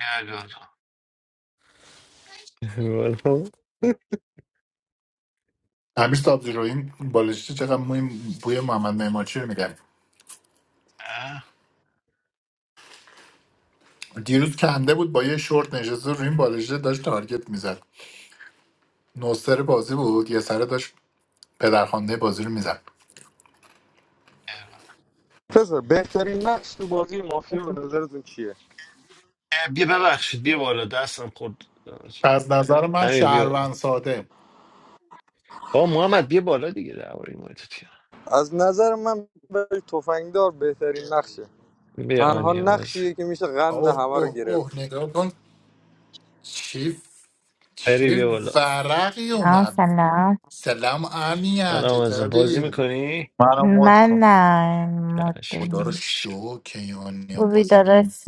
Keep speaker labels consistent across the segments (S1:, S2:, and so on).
S1: گردو
S2: امیر سبزیجو، این بالشتی چقدر موی بوی محمد نعماچی رو میگم
S1: اه
S2: دیروز کنده بود با یه شورت نشسته رو این بالشته داشت تارگت میزد نوستر بازی بود یه سره داشت پدرخوانده بازی رو میزد
S1: گردو.
S3: پسر بهترین نقش تو بازی مافیا به نظرتون چیه
S1: اه، بیا ببخشید بیا بالا دستم خورد
S2: از نظر من
S1: امیر بیا بالا
S2: شهروند ساده
S1: با محمد بیا بالا دیگه درباره این مورد تو
S3: از نظر من برای تفنگدار بهترین نقشه
S1: بیا
S3: تنها
S1: آنیا باز
S3: نقشیه که میشه قند
S2: اوه
S3: همه رو
S2: اوه
S3: گرفت
S2: اوه نگاه کن چی
S1: پری
S2: چه
S1: بیا بالا
S2: ورقی
S4: سلام
S2: اومد
S4: سلام
S2: سلام آمیا
S1: سلام ازم بازی
S2: چطوری
S1: میکنی؟
S4: من
S5: Manamodko.
S4: نه
S1: چشم
S2: خدا رو
S1: چشم
S2: شو که آنیا
S4: خوبی
S2: بازی می‌کنه.
S4: داداش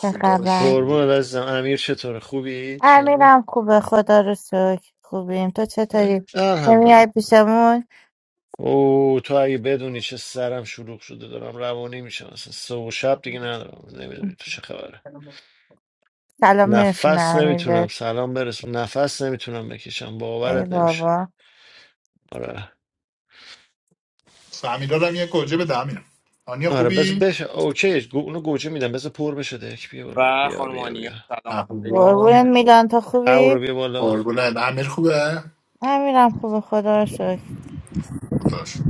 S4: چه
S2: رو
S4: خبر
S2: شو
S1: قربون عزیزم امیر چطوره خوبی؟ چون
S4: امیرم خوبه خدا رو شکر خوبیم تو چطوری
S1: الحمدلله
S4: نمیای پیشمون
S1: او تو اگه بدونی چه سرم شلوغ شده دارم روانی میشم اصلا سه و شب دیگه ندارم نمیدونی تو چه خبره
S4: سلام میرسونه
S1: نفس
S4: امیر
S1: نمیتونم
S4: بهت
S1: سلام برسونم نفس نمیتونم بکشم
S4: ای
S1: باورت نمیشه
S4: بابا
S1: آره
S2: فهمیدارم یه گوجه به دمیر آنیا
S1: آره بس
S2: خوبی
S1: بش اوکی گو... اونو گوجه میدم بذار پر بشه دک بیا بالا
S6: و
S1: بیا بیا
S6: خانمانیا
S1: بیا
S6: سلام علیکم
S4: قربونت
S2: احوال
S4: میلان تو
S1: او
S4: خوبی
S1: رو بیا بالا
S2: قربونت امیر خوبه؟
S4: امیرم خوبه خدا رو شکر
S2: خداش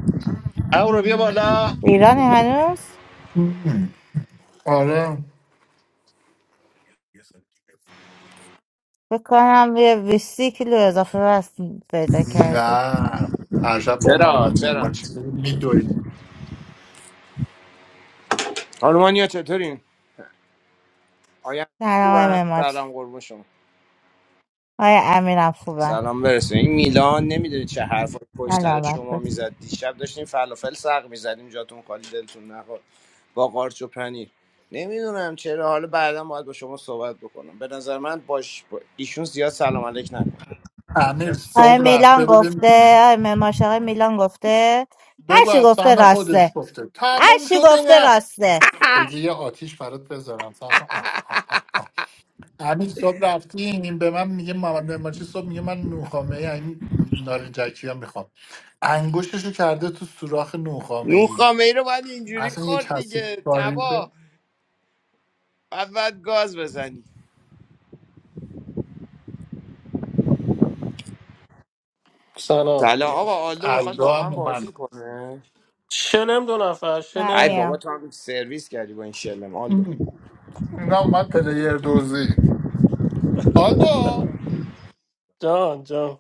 S1: او رو بیا بالا
S4: ایرانی هنوز
S2: مم. آره
S4: فکر کنم یه 20 کیلو اضافه وزن پیدا کردی
S2: نه هر شب با
S6: چرا
S2: محمد
S6: چرا
S2: ممارچی میدویم
S6: خانمانیا چطورین آیا
S4: سلام
S6: خوبم
S4: های مماچی
S6: سلام قربون شما
S4: های امیرم خوبه
S6: سلام برسه این میلان نمیدونی چه حرف پشت سر
S4: سلامت
S6: شما
S4: باش
S6: میزد دیشب داشتیم فلافل سق میزدیم جاتون خالی دلتون نخواد با قارچ و پنیر نمیدونم چرا حالا بعدا باید با شما صحبت بکنم به نظر من باش با ایشون زیاد سلام علیک نکن
S2: امیر
S4: آقای
S2: صبح
S4: میلان
S2: رفته بودیم
S4: گفته آقای مماش آقای میلان گفته هر
S2: بگو
S4: چی
S2: از
S4: گفته
S2: سهم خودش
S4: راسته
S2: گفته
S4: هر
S2: تموم
S4: چی
S2: شده
S4: گفته
S2: رفت
S4: راسته
S2: بذار یه آتیش برات بذارم صبر کن. آه، آه، آه، آه. امیر صبح رفتیم این به من میگه محمد ممارچی صبح میگه من نوخامه ای این نارنجکی ها میخوام انگوششو کرده تو سوراخ نوخامه
S6: نون
S2: ای
S6: خامه ای رو باید اینجوری
S2: اصلا یه
S6: خورد
S2: کسی
S6: دیگه
S2: کاری
S6: تبا بعد باید گاز بزنی
S7: سلام
S6: سلام
S7: سلام
S6: آقا آلو بخواد
S2: الدا
S6: واقعا
S2: هم
S6: بازی
S2: اومد
S6: کنه
S7: شلم دو نفر
S4: من
S6: ای
S7: شلم
S6: بابا
S4: میام
S6: تو هم سرویس کردی با این شلم آلدو
S2: ام. اینا اومد پلیر دوزی آلدو
S7: جان جان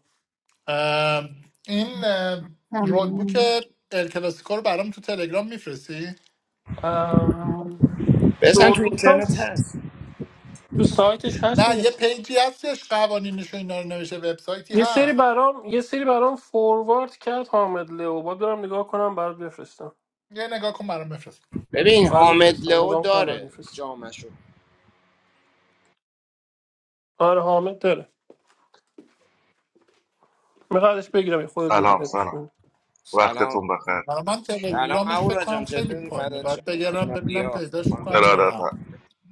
S2: ام، این ام، رول بوک
S8: ممنون.
S2: ال کلاسیکو رو برام تو تلگرام میفرستی
S7: ام،
S6: بزن تو
S7: روبوت
S6: اینترنت
S7: هست
S6: هست
S7: تو سایتش هست
S2: نه یه
S7: نیست
S2: پیجی هستش قوانینش و اینا رو نوشته وبسایتی
S7: یه سری
S2: هست
S7: برام یه سری برام فوروارد کرد حامد لو باید برم نگاه کنم برات بفرستم
S2: یه نگاه کن برام بفرست
S6: ببین
S7: برات
S6: حامد
S7: میفرستم
S6: لئو
S7: نگاه کنم برات
S6: داره
S7: میفرستم
S6: جامشو
S7: آره حامد داره میخوادش بگیرم یه خودت
S9: سلام
S7: بگیرتش
S9: سلام
S6: سلام
S9: وقتتون بخیر
S2: برای من
S6: سلام
S2: تلگرامش فکر
S6: اهورا
S2: کنم
S6: جان
S2: خیلی
S6: چطوری
S2: پایینه
S6: فدات شم
S2: بعد بگرم
S6: خانم
S2: ببینم
S6: دیا
S2: پیداش
S6: خانم
S2: میکنم یا
S6: فاطمه.
S2: نه
S9: ارادتم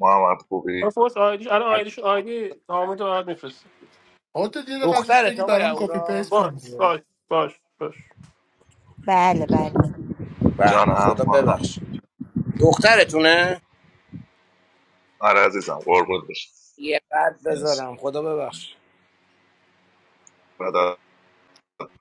S9: محمد خوبی
S7: آره فورس آیدیش الان آیدیش آیدی حامد رو برات میفرستم
S2: خودت دیر قضیش
S6: دخترت
S2: بگی
S6: آقای
S2: برام کپی پیست
S6: اهورا
S7: باش
S2: کن دیگه.
S7: باش باش باش
S4: بله بله
S6: به
S9: جانم هم
S6: خدا
S9: محمد
S6: ببخش دخترتونه
S9: آره عزیزم قربون بشم
S6: یه قد
S9: مرسی
S6: بذارم خدا ببخش
S9: بدات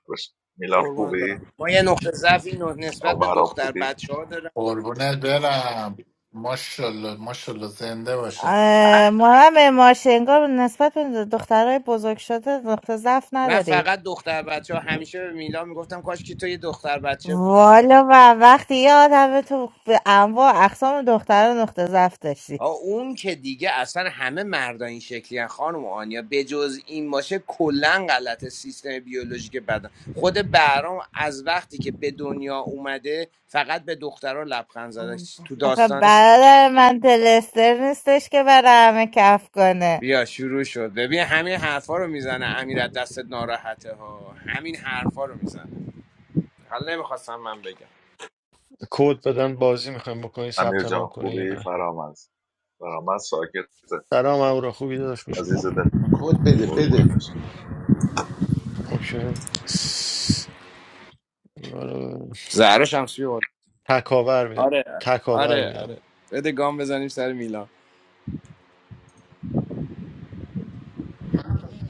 S9: بشم میلان
S6: قربانت
S9: خوبی
S6: برم ما یه نقطه ضعفی ن- نسبت
S9: آن
S6: به
S9: برام
S6: دختر
S9: خوبی
S6: بچه ها دارم
S2: قربونت برم ماشاءالله ماشاءالله زنده باشه
S4: اه، محمد مماش انگار نسبت به دخترای بزرگ شده نقطه ضعف
S6: نه
S4: نداری
S6: فقط دختر بچه ها همیشه به میلا میگفتم کاش که تو یه دختر بچه بودی
S4: والا و وقتی یه آدم تو به انواع اقسام دختران نقطه ضعف داشتی
S6: آه، اون که دیگه اصلا همه مردا این شکلی هن خانم آنیا بجز این باشه کلا غلط سیستم بیولوژیک بدن خود بهرام از وقتی که به دنیا اومده فقط به دخترها لبخند زده تو
S4: آخه
S6: داستانش
S4: برادر من دلستر نیستش که برای همه کف کنه
S6: بیا شروع شد ببین همین حرفا رو میزنه امیر از دست ناراحته ها همین حرفا رو میزنه حالا نمیخواستم من بگم
S1: کد بدن بازی میخوایم بکنی
S9: امیر
S1: ثبت نام
S9: جان
S1: کنی یا
S9: خوبی
S1: نه
S9: فرامز فرامز ساکته
S1: سلام او رو خوبی داشت میشون
S9: عزیز دل
S10: کد بده
S9: قربون
S10: بده
S9: بشم
S1: اوکی آره.
S6: زهرا هم بود
S1: تکاور میدم
S6: آره
S1: تکاور
S6: آره آره
S1: میدم
S6: بده گام بزنیم سر میلان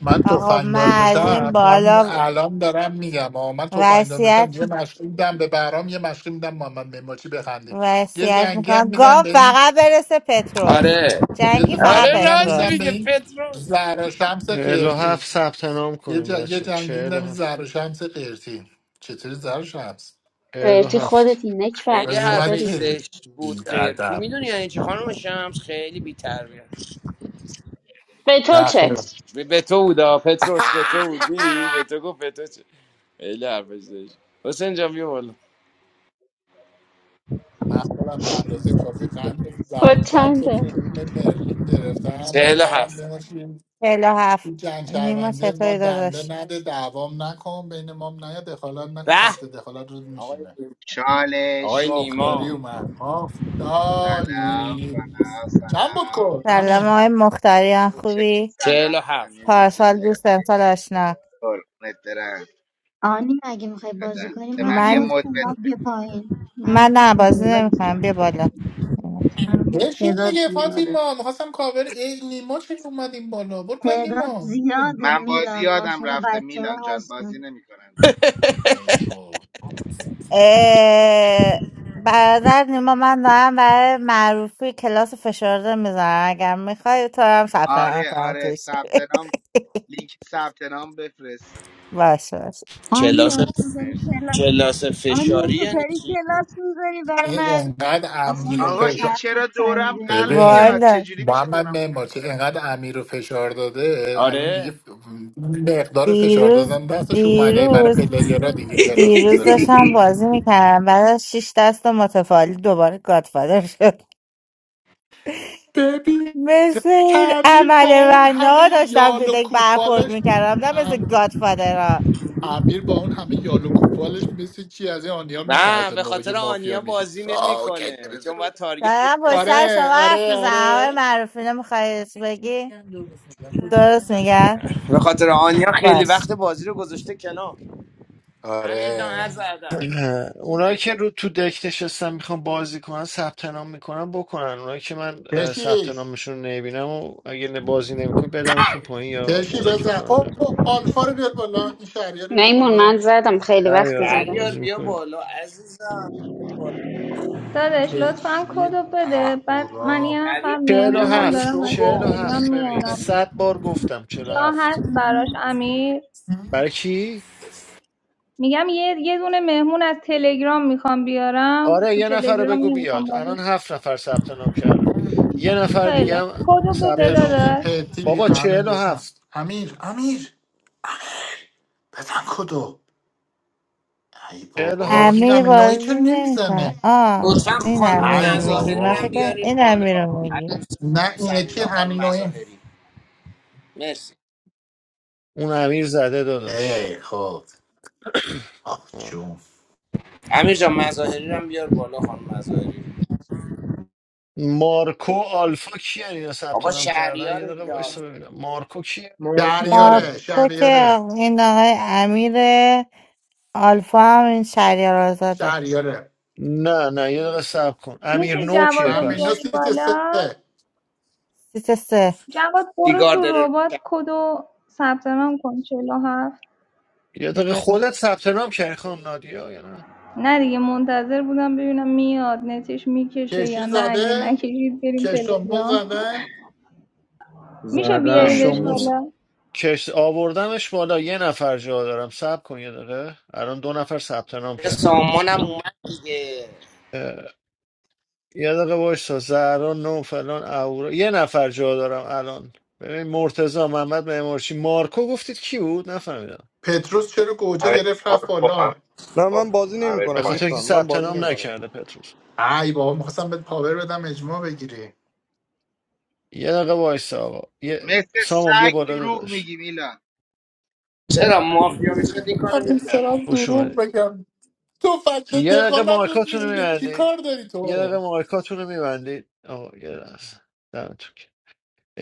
S2: من
S4: آقا
S2: تفنگدار
S4: من از این
S2: بشم همین
S4: بالا
S2: الان دارم میگم آه من تفنگدار بشم یه مشقی میدم به برام یه مشقی میدم محمد نعمتی بخندیم یه
S4: وصیت
S2: جنگی هم
S4: میکنم گاو
S2: میدم به این
S4: فقط برسه پتروس
S6: آره
S2: یه
S4: جنگی
S2: دون
S4: فقط
S6: آره
S2: جنگی هم
S6: راست
S2: میدم
S4: پتروس
S2: به
S6: میگه
S2: این
S6: پتروس
S2: زهرا شمس
S1: 47
S2: قرتی
S1: ثبت نام
S2: یه, ج...
S1: کنیم
S2: یه
S1: بچه
S2: جنگی میدم این
S1: 47 هفت
S2: زهرا شمس قرتی چطوری زهرا شمس
S1: چهل و
S11: قیرتی
S1: هفت.
S11: خودتی نکبت
S6: خیلی
S2: بذار من
S6: حرفش
S11: چطوری
S2: که
S6: زشت بود قرتی
S2: بیادب
S6: میدونی یعنی چه خانم شمس خیلی بی‌تربیت
S11: به تو
S2: نه
S11: چه
S2: خیر.
S6: به به تو بودا پتروس به تو بود دیدی به تو گفت به تو چه خیلی حرفش زشت حسین جان بیا بالا
S2: من خودم نقرازه کافی قند زهرا
S11: کد
S2: شمس رو
S11: چنده
S2: تو روم مرلین گرفتم آقای
S6: چهل و
S2: محمد
S6: هفت
S2: نعمتی
S4: چهلا هفت
S2: این جنگ
S4: نیما
S2: شهرونده ما
S4: چطوری
S2: دنده
S4: داداش
S2: نده دعوام نکن بین ما هم نیا دخالت نکن
S6: به
S2: فکت دخالت رو
S6: آقای
S2: میشینه
S6: نیما
S12: Charlie,
S6: آقای
S2: مختاری
S6: نیما
S2: اومد
S12: salaam,
S2: مختاری
S12: salaam,
S2: چند بود
S12: salaam.
S2: کن
S4: سلام
S2: همین
S4: آقای مختاریان
S12: Oh, check,
S4: خوبی
S6: چهل
S12: salaam.
S6: و
S12: How
S6: هفت
S12: many days did
S4: پارسال
S12: you
S4: دوست
S12: sleep?
S4: امسال آشنا
S12: Or what's different?
S8: آنی اگه میخوای بازی
S12: What?
S8: کنی من
S12: I'm in a
S8: مد
S4: من
S12: mood.
S8: کن بعد بیا پایین من
S4: من
S8: مد
S4: نه
S8: کن
S4: بازی
S8: تعداد
S4: نمیکنم
S8: زیاد
S4: بیا بالا
S8: من مد
S2: بشین
S8: تعداد
S2: دیگه
S8: زیاده
S2: فاطیما میخواستم کاور ای نیما چه اومدیم بالا برو پای
S8: تعداد
S2: نیما
S8: زیاده
S12: I'm
S8: میلان
S12: going
S8: ماشاءالله
S12: to
S8: بچه ها
S12: Milan. I'm not
S8: هستن
S12: going.
S2: ای بابا.
S4: اه، برادر نیما من دارم برای معروفی کلاس فشرده میزنم اگر میخوای تو هم ثبت
S12: Are
S4: نام
S12: you?
S4: کنم
S12: Are you?
S4: توش
S12: Saturday. I'm linking. Saturday. I'm refreshing.
S4: باشه باشه
S6: کلاس
S8: آنیا تو
S12: Thank
S8: داری
S12: you.
S8: کلاس
S6: کلاس
S8: آنیا
S6: فشاری
S8: تو
S6: یعنی
S8: داری
S6: چی
S8: کلاس میذاری بر
S2: ای
S8: من
S2: انقدر
S8: اصلا
S2: امیر و پژمان
S12: Sir,
S8: فرقت
S12: why am
S8: سنگه بود.
S2: ببین
S12: I so
S4: والا
S2: محمد
S12: emotional?
S2: معمارچی انقدر امیر رو فشار داده الان دیگه
S6: آره
S2: ف- مقدار فشار
S4: دیروز
S2: دادن دستش اومده برای
S4: دیروز
S2: پلیرها دیگه کلاس
S4: دیروز
S2: میذارن
S4: داشتم بازی میکردم بعد از شیش دست متفاوت دوباره گادفادر شد
S2: ببین
S4: مثل این
S2: امیر با
S4: عمل
S2: اون همه
S4: ها داشتم تو
S2: یال و
S4: دک برخورد
S2: کوپالش
S4: میکردم نه مثل
S2: ام...
S4: گادفادر ها
S2: امیر با اون همه یال و کوپالش مثل چی از این آنیا
S6: نه
S2: میترسه
S6: به
S2: موقع که
S6: خاطر
S2: مافیا
S6: آنیا
S2: میشه
S6: بازی
S2: آه،
S6: نمیکنه
S2: کشتریز
S6: چون
S2: رو-
S6: باید تارگتش
S4: دارم با
S6: کنه
S4: سر شما
S2: آره
S4: حرف
S2: آره
S4: میزنم آقای
S2: آره
S4: معروفینه میخواید بگی درست میگن
S6: به خاطر آنیا خیلی
S4: باش
S6: وقت بازی رو گذاشته کنار امیر جان
S2: آره
S6: عرض ادب
S1: نه. اونایی که رو تو دک نشستن میخوان بازی کنن ثبت نام میکنن بکنن اونایی که من اه، ثبت
S2: کشی
S1: نامشون رو نمیبینم و اگه نه- بازی نمیکنی بدمتون پایین یا
S2: کشی
S1: مودتون
S2: بزن
S1: کنم
S2: او
S1: نمی‌دونم.
S2: آلفا رو بیار بالا این شهریه رو بیار
S11: میمون من
S2: بالا
S11: زدم خیلی
S1: هر
S11: وقت
S1: یا هر
S11: زدم
S6: دریار
S1: بازی
S6: بیا
S1: میکنیم
S6: بالا عزیزم بیا بالا.
S13: داداش لطفا
S2: کشی
S13: کدو بده بعد من یه
S2: اهورا
S13: نفر
S6: دریار جان،
S1: چهل و
S6: بیا
S13: مهمونم
S6: بالا
S1: هفت
S13: دارم
S6: شو
S13: از
S1: چهل و
S6: کن
S13: تلگرام
S1: هفت ببین
S13: میارم
S1: صد بار گفتم چهل و
S13: جا
S1: هفت
S13: هست براش امیر
S1: برای کی؟
S13: میگم یه یه دونه مهمون از تلگرام میخوام بیارم
S1: آره
S13: تو
S1: یه نفر رو
S13: تلگرام
S1: بگو
S13: نمیخوام
S1: بیاد
S13: بازی
S1: الان هفت نفر ثبت نام کردن یه نفر
S13: خیلی
S1: دیگه هم
S13: خوب کدو
S1: ثبت
S13: بده
S1: نام
S2: کشی
S1: کن
S13: داداش
S2: پتی
S1: بابا
S2: امیر
S1: چهل و
S2: حسن
S1: هفت
S2: امیر امیر بزن کدو ای
S1: چهل و
S2: بابا این
S1: هفت
S4: امیر
S2: امیر نوعی چرا
S4: بازی نمیکنه
S2: نمیزنه
S4: آه
S6: لطفا
S4: این
S6: خانم
S4: امیر رو
S2: ای
S4: میگی
S6: مظاهری
S4: من
S6: رو هم
S4: فکر
S2: بابا
S4: کردم
S6: بیاریم
S4: این
S6: بالا
S4: امیر رو میگی
S6: عزیزم
S2: نه
S6: خانم
S2: این یکی
S6: سمیرا خانم
S2: امیر نوعی
S6: مظاهری مرسی
S1: اون امیر زده داداش
S2: ای خود آه جون
S6: امیر جان مظاهری رو هم بیار بالا خانم مظاهری
S1: مارکو آلفا کیه اینا ثبت
S6: آقا
S1: نام کردن یه
S6: شهریار
S1: دقیقه
S6: دیگه
S1: وایسا ببینم مارکو کیه
S14: مارکو منم.
S2: شهریاره
S4: مارکو که
S2: شهریاره
S4: این آقای امیره آلفا هم این شهریار آزاده
S2: شهریاره
S1: نه نه یه دقیقه صبر کن امیر
S13: میشه
S1: نو کیه
S13: جوادو
S2: امیر نو
S1: پس
S13: بیاری
S2: سیت
S13: بالا
S2: سه
S4: سیت سه
S13: جواد برو
S6: سیگار
S13: تو
S6: داره
S13: ربات
S6: روشن
S13: کدو ثبت نام کن 47
S1: یه دقیقه خودت ثبت نام کردی خانم نادیا یا نه
S13: نه دیگه منتظر بودم ببینم میاد نتش میکشه یا
S2: کشی
S13: نه اگه
S2: زده
S13: نکشید بریم
S2: کشتامون
S13: تلگرام
S2: زده
S13: میشه
S15: زدم
S13: بیاریدش
S1: کشتموس
S15: زدم
S13: بالا
S1: کش آوردمش بالا یه نفر جا دارم صبر کن یه دقیقه الان دو نفر ثبت نام
S6: یه
S1: کردن
S6: سامان هم اومد دیگه
S1: اه، یه دقیقه وایسا زهرا نو فلان اورا یه نفر جا دارم الان ببین مرتضی محمد معمارچی مارکو گفتید کی بود نفهمیدم
S2: پتروس چرا گوجه
S16: امیر
S2: گرفت رفت
S16: پارکو
S2: بالا
S16: امیر
S3: نه
S16: پا
S3: من بازی
S16: امیر
S1: به
S3: نمیکنم
S16: پایین
S1: خاطر اینکه
S3: دوستان من
S1: ثبت
S3: بازی
S1: نام
S3: نمیکنم
S1: نکرده پتروس
S2: ای بابا میخواستم بهت پاور بدم اجماع بگیری
S1: یه دقیقه وایسا آقا یه...
S12: What's
S1: سامان بیا بالا
S12: wrong?
S1: داداش
S12: Like a dog.
S6: چرا مافیا میشد این کارو
S2: من
S6: میکرد
S2: سلام
S1: خوش
S2: دروغ
S1: اومدی
S2: بگم تو فکر
S1: یه دقیقه
S2: دخالتت
S1: مایکاتون رو
S2: میشینه چی
S1: میبندی
S2: کار داری
S1: یه دقیقه
S2: تو
S1: مایکاتون رو میبندی آقا یه لحظه دمتون گرم.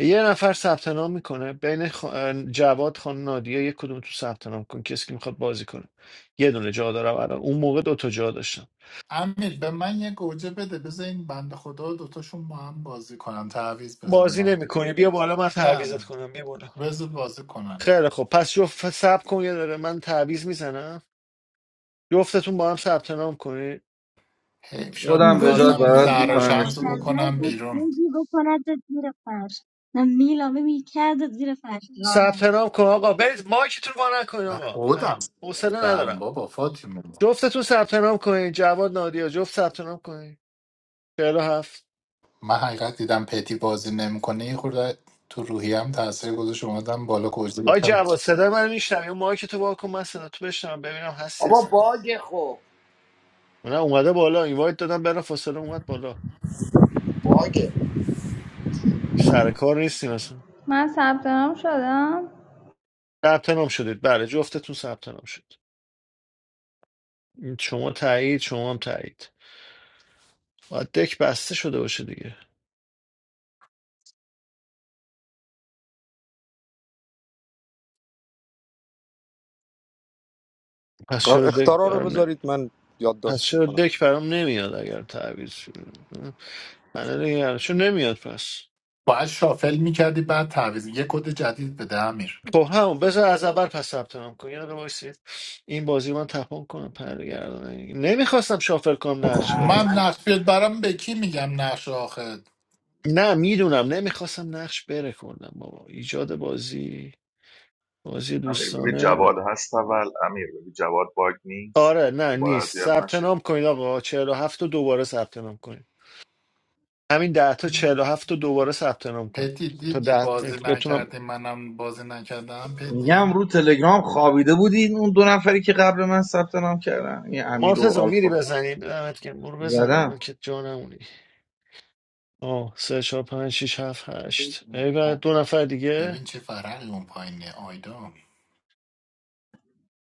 S1: یه نفر ثبت نام میکنه بین خ... جواد خان نادیا یه کدوم تو ثبت نام کن کسی که میخواد بازی کنه یه دونه جا دارم الان اون موقع دو تا جا داشتم
S2: امیر به من یه گوجه بده بذار این بنده خدا دوتاشون با هم بازی کنن تعویض
S1: بازی
S2: بزنم
S1: نمیکنی بیا بالا من تعویزت
S2: نه
S1: کنم بیا بالا
S2: بذار بازی کنن
S1: خیلی خب پس جفت ثبت کن یه داره من تعویز میزنم جفتتون با هم ثبت نام کنید
S2: حیف شد
S15: خودم به
S8: ببین
S15: جات
S2: میخواستم این
S8: یعنی
S15: برات
S2: زهرا
S8: میلان
S1: مینا
S15: میکنمش
S2: شمس رو
S15: بیرون
S8: منتظر
S2: بکنم
S8: بود
S2: بیرون
S8: بگی بکندت زیر فرش نه میلان ببین کردت زیر فرش راه
S1: ثبت نام کن آقا برید مایکتون رو وا نکنین
S2: و
S1: آقا اه،
S2: خودم
S1: حوصله
S2: گفتم
S1: ندارم
S2: بابا فاطمه
S1: جفتتون ثبت نام کنین جواد نادیا جفت ثبت نام کنین 47
S2: من حقیقت دیدم پتی بازی نمیکنه یه خورده تو روحیم تاثیر گذاشت اومدم بالا گوجه
S1: آی
S2: گفتم
S1: جواد صدای من میشنم یا مایک تو وا کن من صدا تو بشنم ببینم هستی
S6: آقا
S1: اصلا
S6: باگه خب
S1: من اومده بالا اینوایت دادم برا فاصله اومد بالا
S6: باگه
S1: سر کار نیستیم اصلا
S13: من ثبت نام شدم
S1: ثبت نام شدید بله جفتتون ثبت نام شد این شما تایید شما هم تایید باید دک بسته شده باشه دیگه پس چرا دک
S3: اختارا رو
S1: برام نه
S3: بذارید من
S1: پس
S3: یادداشت
S1: چرا
S3: میکنم
S1: دک برام نمیاد اگر تعویض شده الان نگرانشون نمیاد پس
S2: باید شافل میکردی بعد تعویض یه کد جدید بده امیر
S1: خب همون بذار از اول پس ثبت نام کن یه دقیقه وایسید این بازی من تپان کنم پرگردان نمیخواستم شافل کنم نقش بره
S2: من
S1: آخه
S6: احمد
S2: نقش بیاد برام به کی میگم نقش آخر
S1: نه میدونم نمیخواستم نقش بره کنم بابا ایجاد بازی بازی
S9: امیر ببین
S1: دوستانه
S9: جواد هست اول امیر ببین جواد باگ نیست
S1: آره نه
S9: دوباره
S1: نیست
S9: اذیت
S1: ثبت
S9: نشید
S1: نام کنید آقا 47 و هفت رو دوباره ثبت نام کنید همین 10 تا 47 و هفت رو دوباره ثبت نام کنید
S2: پتی
S1: تا
S2: دیدی
S1: 10
S2: بازی
S1: بتونم
S2: نکردی منم بازی نکردم پتی
S15: میگم رو تلگرام خوابیده بودین اون دو نفری که قبل من ثبت نام کردن این امیر و
S1: مرتضی میری
S15: آلفا
S1: بزنی دمت گرم برو بزن
S15: زدم
S1: الان که جانمونی آه سه چهار پنج شیش هفت هشت ای بابا، دو نفر دیگه
S2: ببین چه فرقی اون پایینه آیدا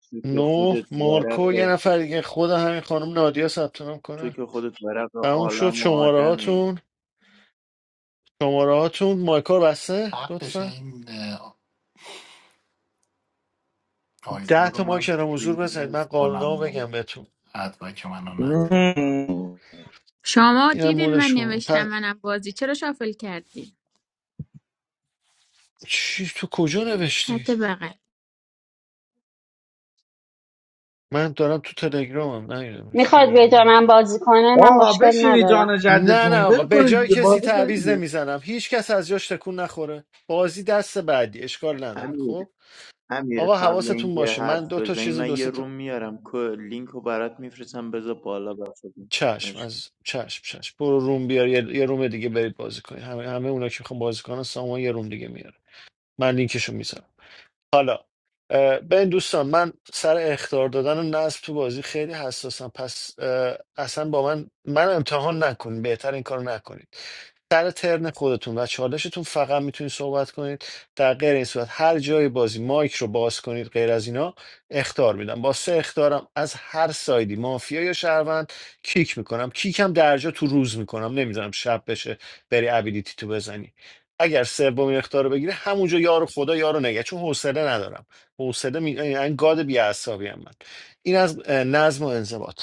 S17: تو که
S1: نو
S17: خودت
S1: مارکو یه
S17: ورق
S1: نفر دیگه خود همین خانم نادیا ثبت نام
S17: تو
S1: کنه
S17: که خودت ورق
S1: تموم شد
S17: عالم و
S1: شماره
S17: آدمی
S1: هاتون شماره هاتون مایکا بسته
S2: حقش
S1: لطفا
S2: این اه، آیدا
S1: ده
S2: رو
S1: تا مایک
S2: من
S1: الان حضور بزنید
S2: ریموو
S1: من قانونا
S2: کنم
S1: بگم بهتون
S2: حتما که منو نزن
S15: مم.
S18: شما
S1: اینم
S18: دیدین من
S1: مودش کن
S18: نوشتم
S1: پس
S18: منم بازی چرا شافل کردین
S1: چی تو کجا نوشتی
S18: چت بغل
S1: من دارم تو تلگرامم نیدم شو
S11: میخواد
S1: میگی
S11: به جا من
S1: نفهم.
S11: بازی کنه من
S15: آه
S11: مشکل
S15: بشینی
S11: ندارم
S15: جان
S1: نه نه
S15: جدتون
S1: آقا
S15: ول
S1: به
S15: کنید
S1: جای
S15: دیگه
S1: کسی
S15: بازی کنید
S1: تعویض
S15: دیگه.
S1: نمیزنم هیچ کس از جاش تکون نخوره بازی دست بعدی اشکال نداره خب
S17: امیر امیر
S1: آقا
S17: قبل
S1: حواستون
S17: اینکه
S1: باشه من
S17: حرف
S1: دو تا
S17: بزنی
S1: چیز و
S17: من
S1: دو
S17: یه
S1: سه
S17: روم
S1: تا
S17: میارم که لینک رو برات میفرستم بذار بالا بخدا
S1: چشم از چشم چشم برو روم بیار یه, یه روم دیگه برید بازی کنید همه, همه اونا که میخوام بازی کنن سامان یه روم دیگه میاره من لینکشو میذارم حالا اه، ببین دوستان من سر اخطار دادن و نصب تو بازی خیلی حساسم پس اه، اصلا با من من امتحان نکنید بهتر این کارو نکنید سر ترن خودتون و چالشتون فقط میتونید صحبت کنید در غیر این صورت هر جای بازی مایک رو باز کنید غیر از اینا اختار میدم با سه اختارم از هر سایدی مافیا یا شهروند کیک میکنم کیکم درجا تو روز میکنم نمیذارم شب بشه بری ابیلیتی تو بزنی اگر سومین اختار رو بگیره همونجا یارو خدا یارو نگه چون حوصله ندارم حوصله می... یعنی گاد بی‌عصبی‌ام من این از اه، نظم و انضباط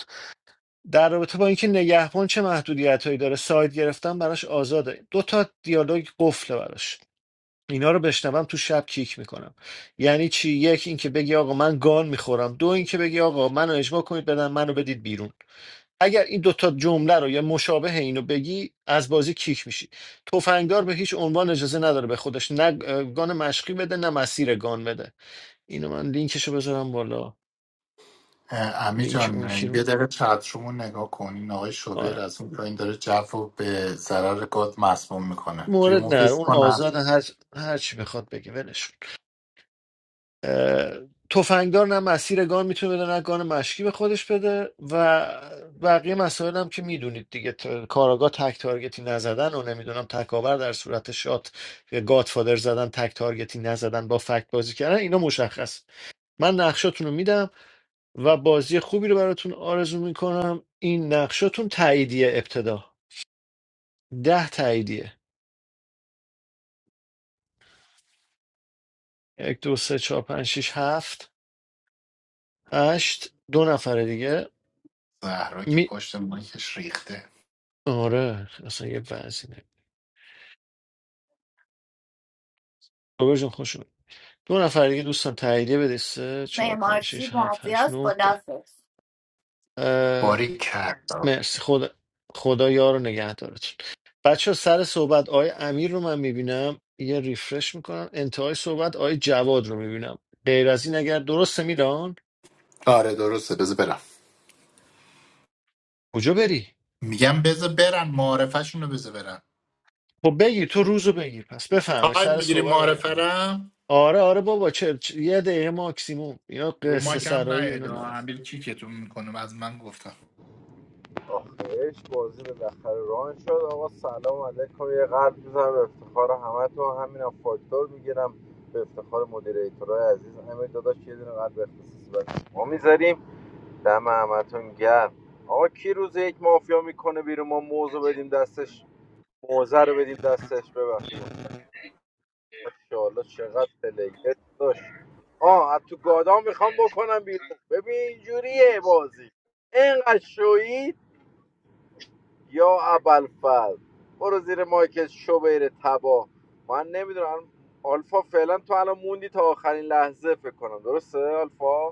S1: در رابطه با اینکه نگهبان چه محدودیتهایی داره ساید گرفتن براش آزاده دو تا دیالوگ قفله براش اینا رو بشنوم تو شب کیک میکنم یعنی چی یک اینکه بگی آقا من گان میخورم دو اینکه بگی آقا منو اجماع کنید بدن منو بدید بیرون اگر این دوتا جمله رو یا مشابه اینو بگی از بازی کیک میشی تفنگدار به هیچ عنوان اجازه نداره به خودش نه اه، گان مشقی بده نه مسیر گان بده اینو من لینکشو بذارم بالا
S2: اه، امی
S1: لینک
S2: جان
S1: اون یکی رو.
S2: یه دقیقه چت رو نگاه کنین آقای
S1: آره.
S2: شوبر از اون پایین داره جو رو به ضرر گاد مسموم میکنه
S1: مورد نر
S2: ریمووش
S1: اون
S2: کنم
S1: آزاد هر هر چی بخواد بگه ولش کن. اه، تفنگدار نه مسیر گان میتونه بده نه گان مشکی به خودش بده و بقیه مسائل هم که میدونید دیگه ت- کاراگاه تک تارگتی نزدن و نمیدونم تکاور در صورت شات گادفادر زدن تک تارگتی نزدن با فکت بازی کردن اینا مشخص من نقشاتون رو میدم و بازی خوبی رو براتون آرزو میکنم این نقشاتون تاییدیه ابتدا ده تاییدیه یک دو سه چهار پنج شیش هفت هشت دو نفر دیگه
S2: زهرا که
S1: می
S2: پشت مایکش ریخته
S1: آره اصلا یه وضعی نه بابا جون خوش اومد. دو نفر دیگه دوستان تاییدیه بده سه چهار پنج
S4: معمارچی
S1: شیش هفت هشت
S4: مافیاس
S1: نو ده
S4: خدافظ
S1: اه،
S2: باری کرد
S1: مرسی خدا خدا یار و نگهدارتون بچه سر صحبت آقای امیر رو من میبینم یه ریفرش میکنم انتهای صحبت آقای جواد رو میبینم غیر از این اگر درسته میلان
S2: آره درسته بذار برم
S1: کجا بری
S2: میگم بذار برن معارفشون رو بذار برن
S1: خب بگیر تو روزو بگیر پس بفرمایید
S2: تایم
S1: سر
S2: میگیری
S1: صحبت آقای
S2: معارفه
S1: امیر
S2: رم
S1: آره آره بابا چه چه- یه دقیقه ماکسیموم اینا
S2: رو
S1: قصه
S2: ماکم
S1: سرایی اینا
S2: نیاد آه،
S1: ندارم
S2: امیر کیکتون میکنم از من گفتم
S16: آخرش بازی بالاخره ران شد آقا سلام علیکم یه قلب میزنم به افتخار همه تو همینم فاکتور میگیرم به افتخار مدیریتورهای عزیز امیر داداش یه دونه قلب اختصاصی برای ما میذاریم دم همتون گرم آقا کی روز یک مافیا میکنه بیرون ما موزو بدیم دستش موزه رو بدیم دستش ببخشید چقدر پلیش آه گادام بکنم بیرون ببین اینجوریه بازی اینقدر شویی یا ابوالفضل برو زیر مایکت شو بره تبا من نمیدونم آلفا فعلا تو الان موندی تا آخرین لحظه فکر کنم درسته آلفا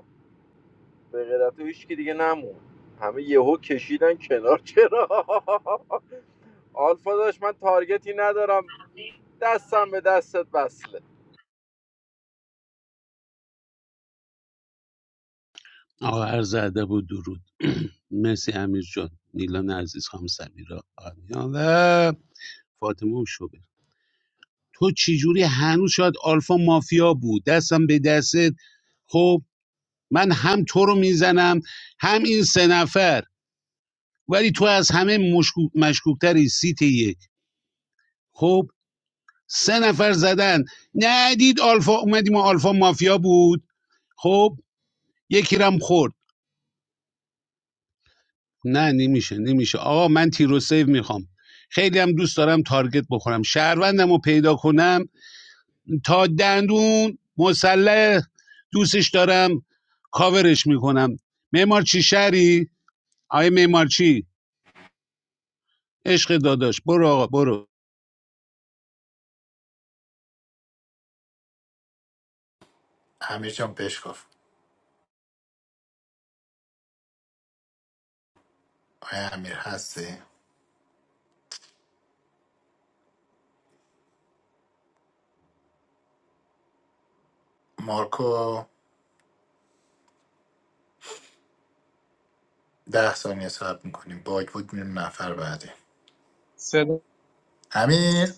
S16: به غیر از تو هیچکی دیگه نمون همه یهو کشیدن کنار چرا آلفا داشت من تارگتی ندارم دستم به دستت بسله
S10: آقا عرض ادب و درود مرسی امیر جان نیلان عزیز خانم سمیرا آنیا و فاطمه و شبه تو چجوری هنوز شاید آلفا مافیا بود دستم به دستت خب من هم تو رو میزنم هم این سه نفر ولی تو از همه مشکوک مشکوکتری سیت یک خب سه نفر زدن ندید آلفا اومدیم و آلفا مافیا بود خب یکی رم خورد نه نمیشه نمیشه آقا من تیرو سیو میخوام خیلی هم دوست دارم تارگت بخورم شهروندم رو پیدا کنم تا دندون مسلح دوستش دارم کاورش میکنم معمار چی شهری آیه معمار چی عشق داداش برو آقا برو
S2: امیر جان بشکاف آیا امیر هستی مارکو ده ثانیه صبر میکنیم باگ بود میریم نفر بعدی
S14: صدا
S2: امیر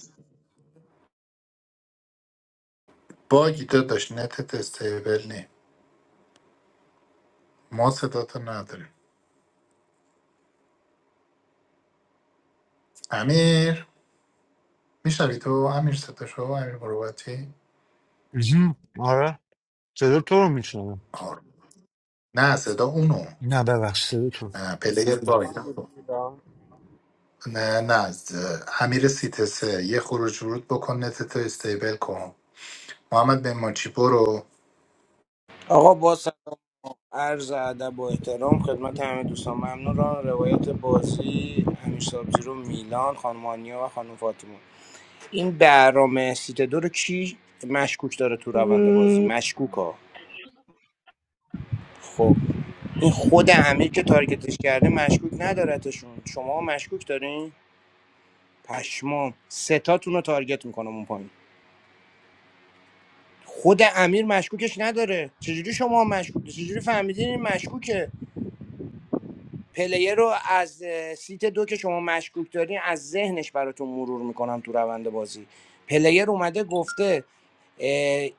S2: باگی داداش نتت استیبل نی ما صداتو نداریم امیر میشنوی تو امیر صداشو امیر مروتی آره نه صدا اونو
S1: ببخش صداتون
S2: نه پلیر باگ نه نه از امیر سیتسه یه خروج ورود بکن نتتو استیبل کن محمد به ماچی برو
S6: آقا با عرض ادب و احترام خدمت همه دوستان ممنون را روایت بازی امیر سابزی میلان خانم آنیا و خانم فاطمه این برام سیت دو رو کی مشکوک داره تو روند بازی مشکوک ها خب این خود امیر که تارگتش کرده مشکوک ندارتشون شما مشکوک دارین پشمام ستاتون رو تارگت میکنم اون پایین خود امیر مشکوکش نداره چجوری شما مشکوک چجوری فهمیدین این مشکوکه پلیر رو از سیت دو که شما مشکوک دارین از ذهنش براتون مرور میکنم تو روند بازی پلیر اومده گفته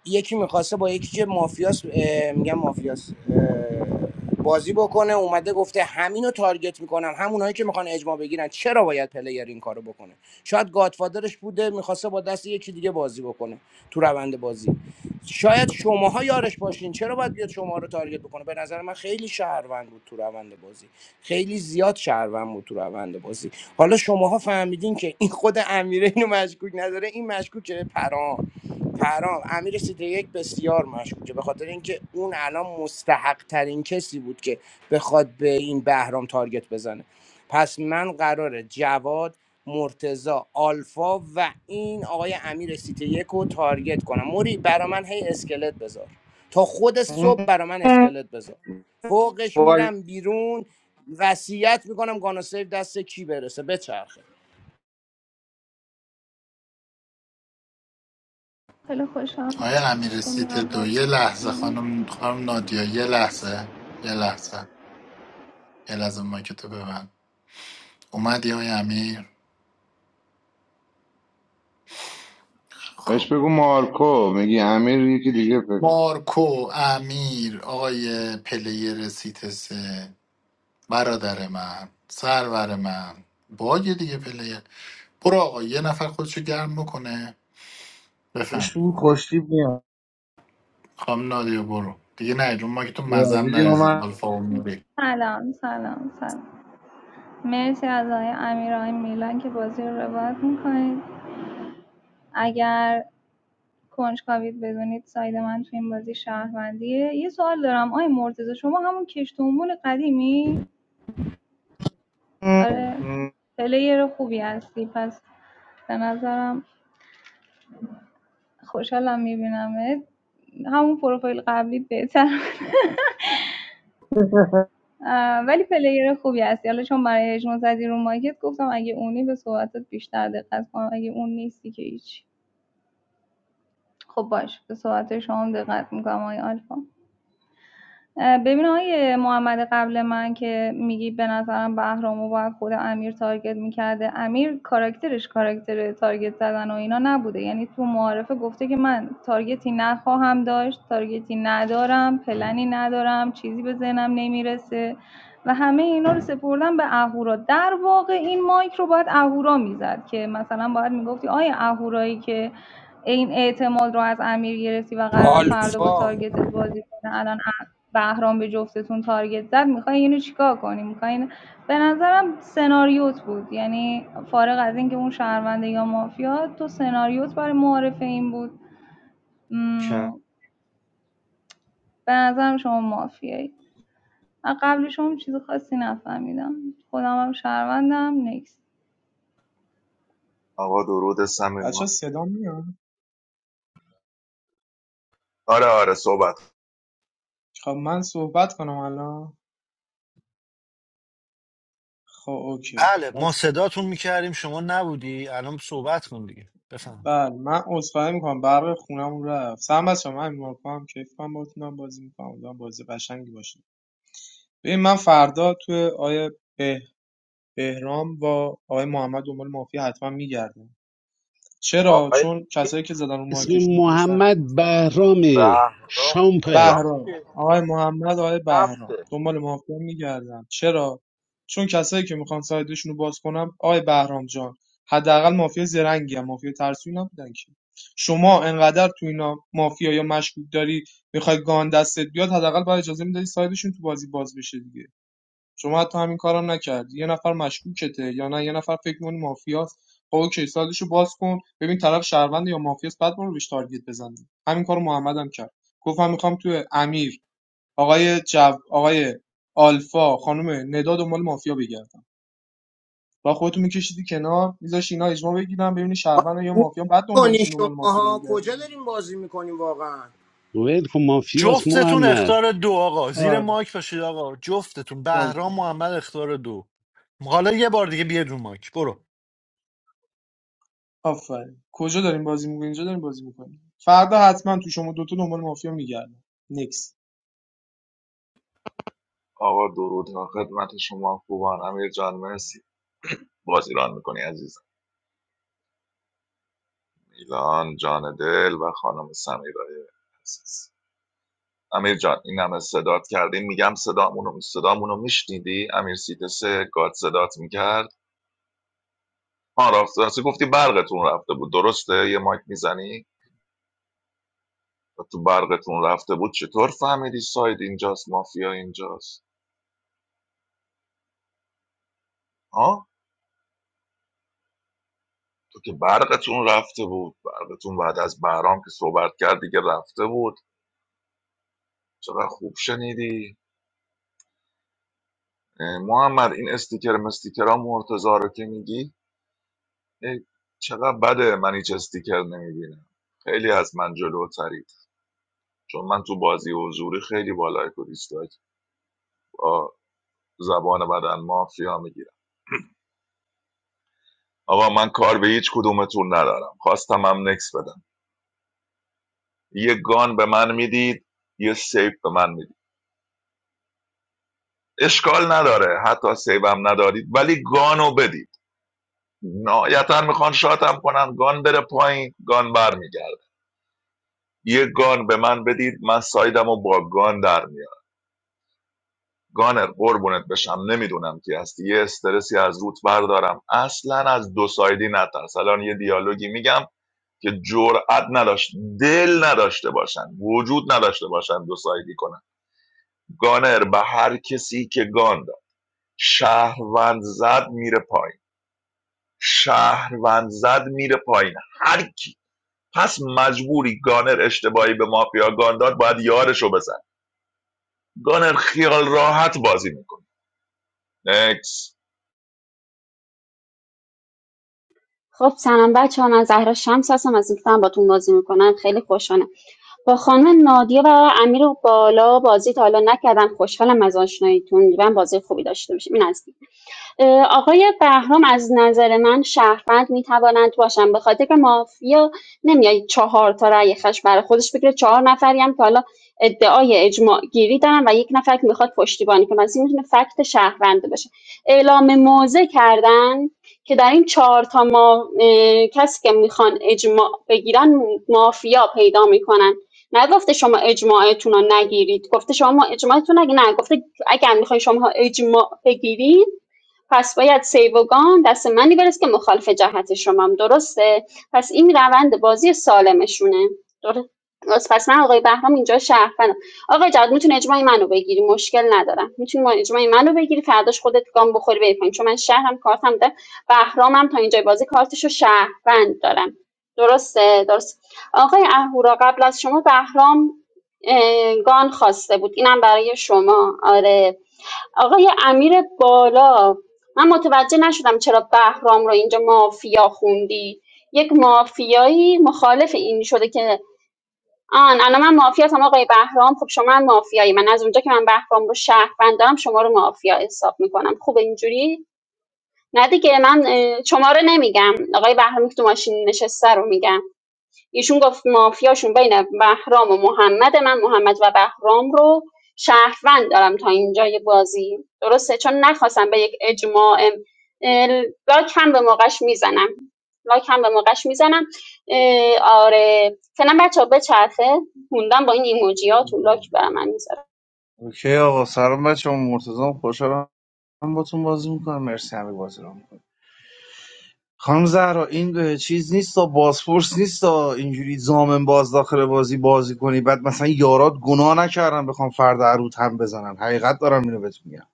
S6: یکی میخواسته با یکی که مافیاس میگم مافیاس بازی بکنه اومده گفته همینو تارگت میکنم همونایی که میخوان اجماع بگیرن چرا باید پلیر این کارو بکنه شاید گادفادرش بوده میخواسته با دست یکی دیگه بازی بکنه تو روند بازی شاید شماها یارش باشین چرا باید بیاد شما رو تارگت بکنه به نظر من خیلی شهروند بود تو روند بازی خیلی زیاد شهروند بود تو روند بازی حالا شماها فهمیدین که این خود امیره اینو مشکوک نداره این مشکوکه پرام پرام امیر سیتی یک بسیار مشکوکه به خاطر اینکه اون الان مستحق ترین کسی بود که بخواد به این بهرام تارگت بزنه پس من قراره جواد مرتزا آلفا و این آقای امیر سیتی یک رو تارگت کنم موری برا من هی اسکلت بذار تا خود
S15: مم.
S6: صبح برا من اسکلت بذار فوقش
S15: وای
S6: میرم بیرون وصیت میکنم گانا سیف دست کی برسه بچرخه
S13: خیلی خوشحال
S2: آیا امیر سیت
S13: میام
S2: دو
S13: بازی
S2: یه لحظه خانم خانم نادیا یه لحظه یه لحظه یه لحظه مایکتو ببند اومدی آقای امیر خب
S19: Espeko malko, megi Amir ye ki dike pe.
S2: مارکو امیر آقای پلیر سیت سه برادر من سرور من باگ دیگه پلیر برو آقا یه نفر خودشو گرم بکنه بفرم
S15: شور خوشتی میاد
S2: خام نادیا برو دیگه نه جون ما که تو مزم
S15: یادی
S2: نرزید
S15: اومد
S2: آلفا اومده
S13: سلام سلام سلام مرسی از آقای امیر میلان که بازی رو روایت میکنید اگر کنجکاوید بدونید ساید من تو این بازی شهروندیه یه سوال دارم آقای مرتضی شما همون کشت و مول قدیمی آره
S15: مم.
S13: پلیر خوبی هستی پس به نظرم خوشحالم میبینمت همون پروفایل قبلیت بهتر ولی پلیر خوبی هستی حالا چون برای اجماع زدی رو مایکت گفتم اگه اونی به صحبتت بیشتر دقت کنم اگه اون نیستی که هیچ خب باش به صحبت شما هم دقت میکنم آقای آلفا ببین آقای محمد قبل من که میگی به نظرم بهرامو باید خود امیر تارگت میکرده امیر کاراکترش کاراکتر تارگت زدن و اینا نبوده یعنی تو معارفه گفته که من تارگتی نخواهم داشت تارگتی ندارم پلنی ندارم چیزی به ذهنم نمیرسه و همه اینا رو سپردم به اهورا در واقع این مایک رو باید اهورا میزد که مثلا باید میگفتی آیا اهورایی که این اعتماد رو از امیر گرفتی و قرار فردا با
S6: آلفا
S13: تارگتت بازی کنه الان بهرام به جفتتون تارگت زد میخوای اینو چیکار کنی میخوای اینو... به نظرم سناریوت بود یعنی فارغ از اینکه اون شهرونده یا مافیا تو سناریوت برای معارفه این بود م، به نظرم شما مافیایی از قبل شما چیز خاصی نفهمیدم خودم هم شهروندم نکس
S9: آقا درود صمیم
S14: بچه صدا میاد
S9: آره آره صحبت
S14: خب من صحبت کنم الان خب اوکی
S1: بله ما
S14: بس
S1: صداتون میکردیم شما نبودی الان صحبت کن دیگه بفهم
S14: بله من عذرخواهی میکنم برق خونم رفت سلام بچه من مارکو هم کیف کنم باتونم بازی میکنم امیدوارم بازی قشنگی باشه ببین من فردا توی آیه به بهرام با آقای محمد دنبال مافیا حتما میگردم چرا
S16: آقای
S14: چون کسایی که زدن رو
S10: اسم
S14: مایکشون میخواستن
S10: محمد بهرام
S16: بهرام
S10: شامپه
S16: بهرام
S14: بهرام
S16: که
S14: آقای محمد آقای بهرام
S16: هفته
S14: دنبال مافیا میگردم چرا چون کسایی که میخوان سایدشون رو باز کنم آقای بهرام جان حداقل مافیا زرنگی هم مافیا ترسوی نبودن که شما انقدر تو اینا مافیا یا مشکوک داری میخوای گان دستت بیاد حداقل باید اجازه میدادی سایدشون تو بازی باز بشه دیگه شما حتی همین کارم نکردی یه نفر مشکوکته یا نه یه نفر فکر می‌کنه مافیاست خب اوکی سایدشو باز کن ببین طرف شهروند یا مافیاست بعد برو بهش تارگت بزن همین کارو محمد هم کرد گفت من میخوام تو امیر آقای جو آقای آلفا خانم ندا دنبال مافیا بگردم با خودتون می‌کشیدی کنار میذاش اینا اجماع بگیرن ببینی
S6: آخه
S14: شهروند یا
S6: گوش
S14: مافیا بعد
S6: کنی
S14: دنبالشون دنبال مافیا
S6: شماها کجا
S14: بگردی
S6: داریم بازی میکنیم واقعا
S10: ول کن مافیاس
S1: جفتتون
S10: محمد
S1: اختار دو آقا زیر
S14: آره
S1: مایک باشید آقا جفتتون بهرام
S14: درسته.
S1: محمد اختار دو حالا یه بار دیگه بیاد اون مایک برو
S14: آفرین کجا داریم بازی می‌کنیم اینجا داریم بازی می‌کنیم فردا حتما تو شما دوتا دنبال مافیا میگردم نکس
S9: آقا درود خدمت شما خوبان امیر جان مرسی باز ایران میکنی عزیزم میلان جان دل و خانم سمیرای عزیز امیر جان این همه صدات کردیم میگم صدامونو صدامونو میشنیدی امیر سیتس گاد صدات میکرد آن رفت راستی گفتی برقتون رفته بود درسته یه مایک میزنی و تو برقتون رفته بود چطور فهمیدی ساید اینجاست مافیا اینجاست ها تو که برقتون رفته بود برقتون بعد از بهرام که صحبت کرد دیگه رفته بود چقدر خوب شنیدی اه، محمد این استیکر مستیکرها مرتضا رو که میگی ای، چقدر بده من هیچ استیکر نمیبینم خیلی از من جلوترید چون من تو بازی حضوری خیلی بالای کوریستاک با زبان بدن مافیا میگیرم آقا من کار به هیچ کدومتون ندارم خواستم هم نکس بدم یه گان به من میدید یه سیف به من میدید اشکال نداره حتی سیو هم ندارید ولی گانو بدید نهایتا میخوان شاتم کنن گان بره پایین گان برمیگرده یه گان به من بدید من سایدم و با گان در میارم گانر قربونت بشم نمیدونم کی هستی یه استرسی از روت بردارم اصلا از دو سایدی نترس الان یه دیالوگی میگم که جرأت نداشت دل نداشته باشن وجود نداشته باشن دو سایدی کنن گانر به هر کسی که گان داد شهروند زد میره پایین شهروند زد میره پایین هر کی پس مجبوری گانر اشتباهی به مافیا گان داد باید یارشو بزن گانر خیال راحت بازی میکنه نکس
S11: خب سلام بچه ها من زهرا شمس هستم از اینکه دارم باتون بازی میکنم خیلی خوشحالم با خانم نادیا و امیر بالا بازی تا حالا نکردم خوشحالم از آشناییتون من بازی خوبی داشته باشیم این از آقای بهرام از نظر من شهروند میتوانند باشن به خاطر که مافیا نمیای چهار تا رأی خش برای خودش بگیره چهار نفری هم که حالا ادعای اجماع گیری دارن و یک نفر که میخواد پشتیبانی کنه پس این میتونه فکت شهروند باشه اعلام موضع کردن که در این چهار تا ما کسی که میخوان اجماع بگیرن مافیا پیدا میکنن نگفته شما اجماعتون رو نگیرید گفته شما اجماعتون رو نگی نه گفته اگر میخوای شما اجماع بگیرید پس باید سیوگان دست منی برسه که مخالف جهت شمام، درسته؟ پس این روند بازی سالمشونه. در- درست پس من آقای بهرام اینجا شهروندم آقای جواد میتونه اجماع منو بگیری مشکل ندارم میتونی اجماع منو بگیری فرداش خودت گام بخوری بری پایین چون من شهرم کارتم ده بهرامم تا اینجای بازی کارتشو شهروند دارم درسته درست آقای اهورا قبل از شما بهرام گان خواسته بود اینم برای شما آره آقای امیر بالا من متوجه نشدم چرا بهرام رو اینجا مافیا خوندی یک مافیایی مخالف این شده که آن الان من مافیا هستم آقای بهرام خب شما هم مافیایی من از اونجا که من بهرام رو شهروند دارم شما رو مافیا حساب میکنم خوب اینجوری نه دیگه من اه، شما رو نمیگم آقای بهرام که تو ماشین نشسته رو میگم ایشون گفت مافیاشون بین بهرام و محمد من محمد و بهرام رو شهروند دارم تا اینجای بازی درسته چون نخواستم به یک اجماع اه، لاک هم به موقعش میزنم لاک هم به موقعش میزنم اه، آره فعلا بچه ها بچرخه موندم با این ایموجی ها تو لاک برای من میذارم
S15: اوکی آقا سلام بچه هم مرتضام خوشحالم با تون بازی میکنم مرسی همه بازی رو خانم زهرا این چیز نیست تا بازپرس نیست تا اینجوری زامن باز داخل بازی بازی کنی بعد مثلا یارات گناه نکردن بخوام فردا عروت هم بزنن حقیقت دارم اینو بهت میگم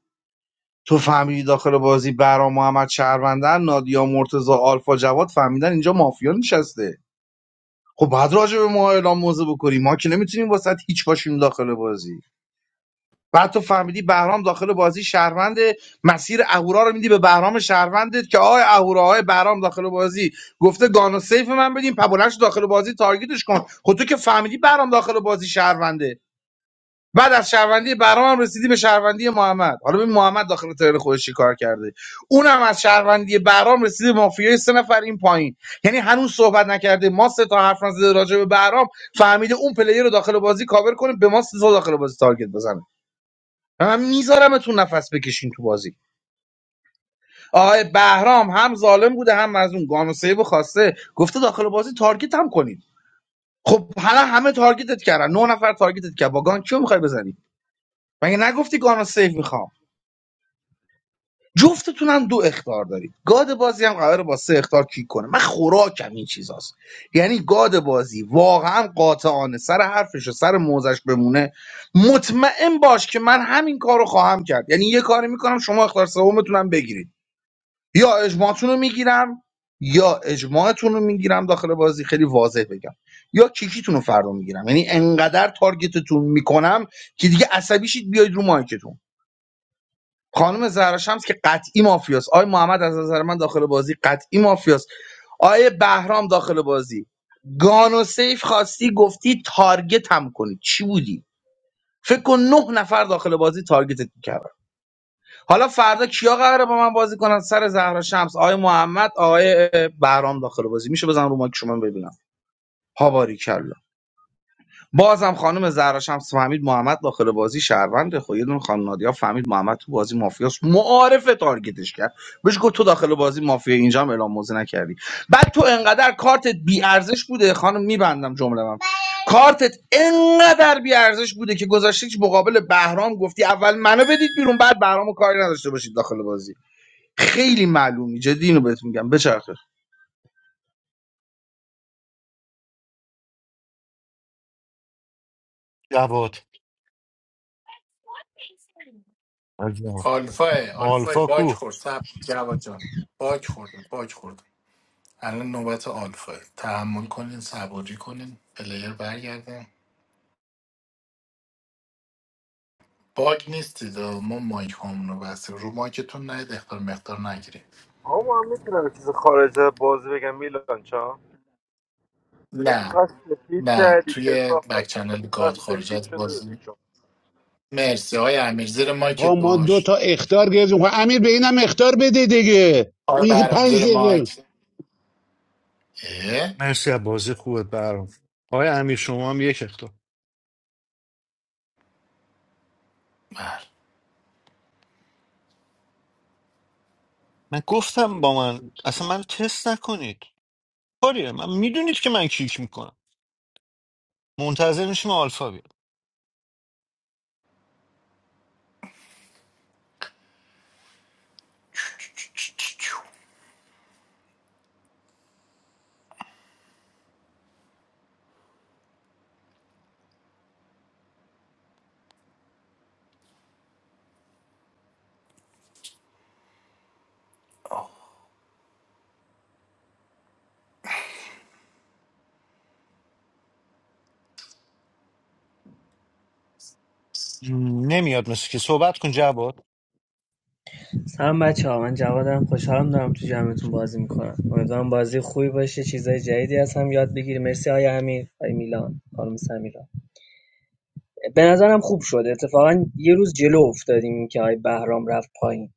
S15: تو فهمیدی داخل بازی برا محمد شهروندن نادیا مرتزا آلفا جواد فهمیدن اینجا مافیا نشسته خب بعد راجع به ما اعلام موضع بکنی ما که نمیتونیم واسط هیچ باشیم داخل بازی بعد تو فهمیدی بهرام داخل بازی شهروند مسیر اهورا رو میدی به بهرام شهروندت که آقای اهورا آقای بهرام داخل بازی گفته گانو سیف من بدین پبلش داخل بازی تارگتش کن خود تو که فهمیدی بهرام داخل بازی شهرونده بعد از شهروندی بهرام هم رسیدی به شهروندی محمد حالا ببین محمد داخل ترل خودش چی کار کرده اونم از شهروندی بهرام رسیده به مافیای سه نفر این پایین یعنی هنوز صحبت نکرده ما سه تا حرف نزده راجع به بهرام فهمیده اون پلیر رو داخل بازی کاور کنه به ما سه تا داخل بازی تارگت بزنه من میذارمتون نفس بکشین تو بازی آقای بهرام هم ظالم بوده هم مظلوم گانو سیو خواسته گفته داخل بازی تارگت هم کنید خب حالا همه تارگتت کردن نه نفر تارگتت کرد با گان کیو میخوای بزنی مگه نگفتی گانو سیو میخوام جفتتون هم دو اختار دارید گاد بازی هم قراره با سه اختار کیک کنه من خوراکم این چیزاست یعنی گاد بازی واقعا قاطعانه سر حرفش و سر موزش بمونه مطمئن باش که من همین کارو خواهم کرد یعنی یه کاری میکنم شما اختار سومتون هم بگیرید یا اجماعتون رو میگیرم یا اجماعتون رو میگیرم داخل بازی خیلی واضح بگم یا کیکیتون رو فردا میگیرم یعنی انقدر تارگتتون میکنم که دیگه عصبی شید بیاید رو مایکتون خانم زهرا شمس که قطعی مافیاست آی محمد از نظر من داخل بازی قطعی مافیاست آیه بهرام داخل بازی گانو سیف خواستی گفتی تارگت هم کنی چی بودی فکر کن نه نفر داخل بازی تارگتت میکردن حالا فردا کیا قراره با من بازی کنن سر زهرا شمس آقای محمد آقای بهرام داخل بازی میشه بزن رو مایک شما ببینم ها باریکلا بازم خانم زهرا شمس فهمید محمد داخل بازی شهرونده خب یه دونه خانم نادیا فهمید محمد تو بازی مافیاس معارفه تارگتش کرد بهش گفت تو داخل بازی مافیا اینجا هم اعلام موزه نکردی بعد تو انقدر کارتت بی ارزش بوده خانم میبندم جمله من کارتت انقدر بی ارزش بوده که گذاشتی مقابل بهرام گفتی اول منو بدید بیرون بعد بهرامو کاری نداشته باشید داخل بازی خیلی معلومی جدی اینو بهت میگم بچرخه
S1: جواد عزیزم.
S2: آلفاه آلفاه
S1: آلفا
S2: باک
S1: کو
S2: خورد سب جواد جان باک خورد باک خورد الان نوبت آلفاه تحمل کنین صبوری کنین پلیر برگردن باگ نیستید آه. ما مایک هم رو بستیم رو مایکتون نید اختار مقدار نگیریم
S16: آقا من میتونم یه چیز خارج از بازی بگم میلان چا؟ چرا
S2: نه
S16: اینقدر سفید
S2: نه
S16: کردی
S2: توی بک
S16: کسافت چرا
S2: چنل
S16: اینقدر
S2: گاد
S16: سفید
S2: خارجت
S16: شده
S2: بازی مرسی های امیر زیر
S10: آقا
S2: مایکت
S10: ما دو
S2: باش
S10: تا اختار گرفتیم خب امیر به اینم اختار بده دیگه
S2: آی
S10: اون یکی
S2: برام
S10: پنج
S2: زیر
S10: دقیقه
S2: مایک اه
S1: مرسی از بازی خوبت برام آقای امیر شما هم یک اختار
S2: بر
S1: من گفتم با من اصلا من تست نکنید کاریه من میدونید که من کیک میکنم منتظر میشیم آلفا بیاد نمیاد مثل که صحبت کن جواد
S20: سلام بچه ها من جوادم خوشحالم دارم تو جمعتون بازی میکنم امیدوارم بازی خوبی باشه چیزای جدیدی از هم یاد بگیریم مرسی های امیر های میلان خانم سمیرا به نظرم خوب شد اتفاقا یه روز جلو افتادیم که های بهرام رفت پایین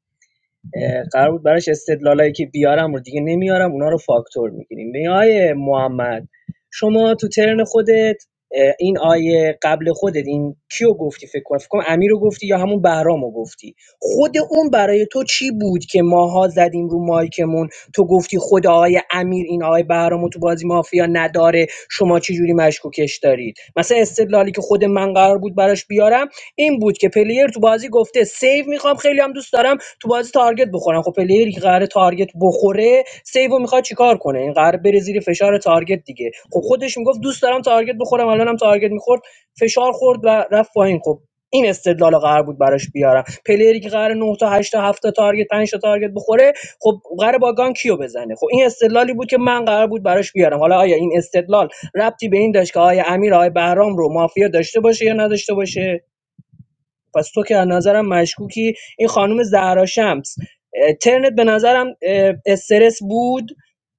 S20: اه، قرار بود براش استدلالایی که بیارم رو دیگه نمیارم اونا رو فاکتور میگیریم به آیه محمد شما تو ترن خودت این آیه قبل خودت این کیو گفتی فکر کنم فکر کنم امیر رو گفتی یا همون بهرام رو گفتی خود اون برای تو چی بود که ماها زدیم رو مایکمون تو گفتی خود آقای امیر این آقای بهرام رو تو بازی مافیا نداره شما چی جوری مشکوکش دارید مثلا استدلالی که خود من قرار بود براش بیارم این بود که پلیر تو بازی گفته سیو میخوام خیلی هم دوست دارم تو بازی تارگت بخورن خب پلیری که قراره تارگت بخوره سیو میخواد چیکار کنه این قراره بره زیر فشار تارگت دیگه خب خودش میگفت دوست دارم تارگت بخورم الانم تارگت میخورد فشار خورد و رفت پایین خب این استدلال قرار بود براش بیارم پلیری که قرار 9 تا هشت تا هفت تا تارگت 5 تا تارگت بخوره خب قرار با گان کیو بزنه خب این استدلالی بود که من قرار بود براش بیارم حالا آیا این استدلال ربطی به این داشت که آیا امیر آیا بهرام رو مافیا داشته باشه یا نداشته باشه پس تو که از نظرم مشکوکی این خانم زهرا شمس ترنت به نظرم استرس بود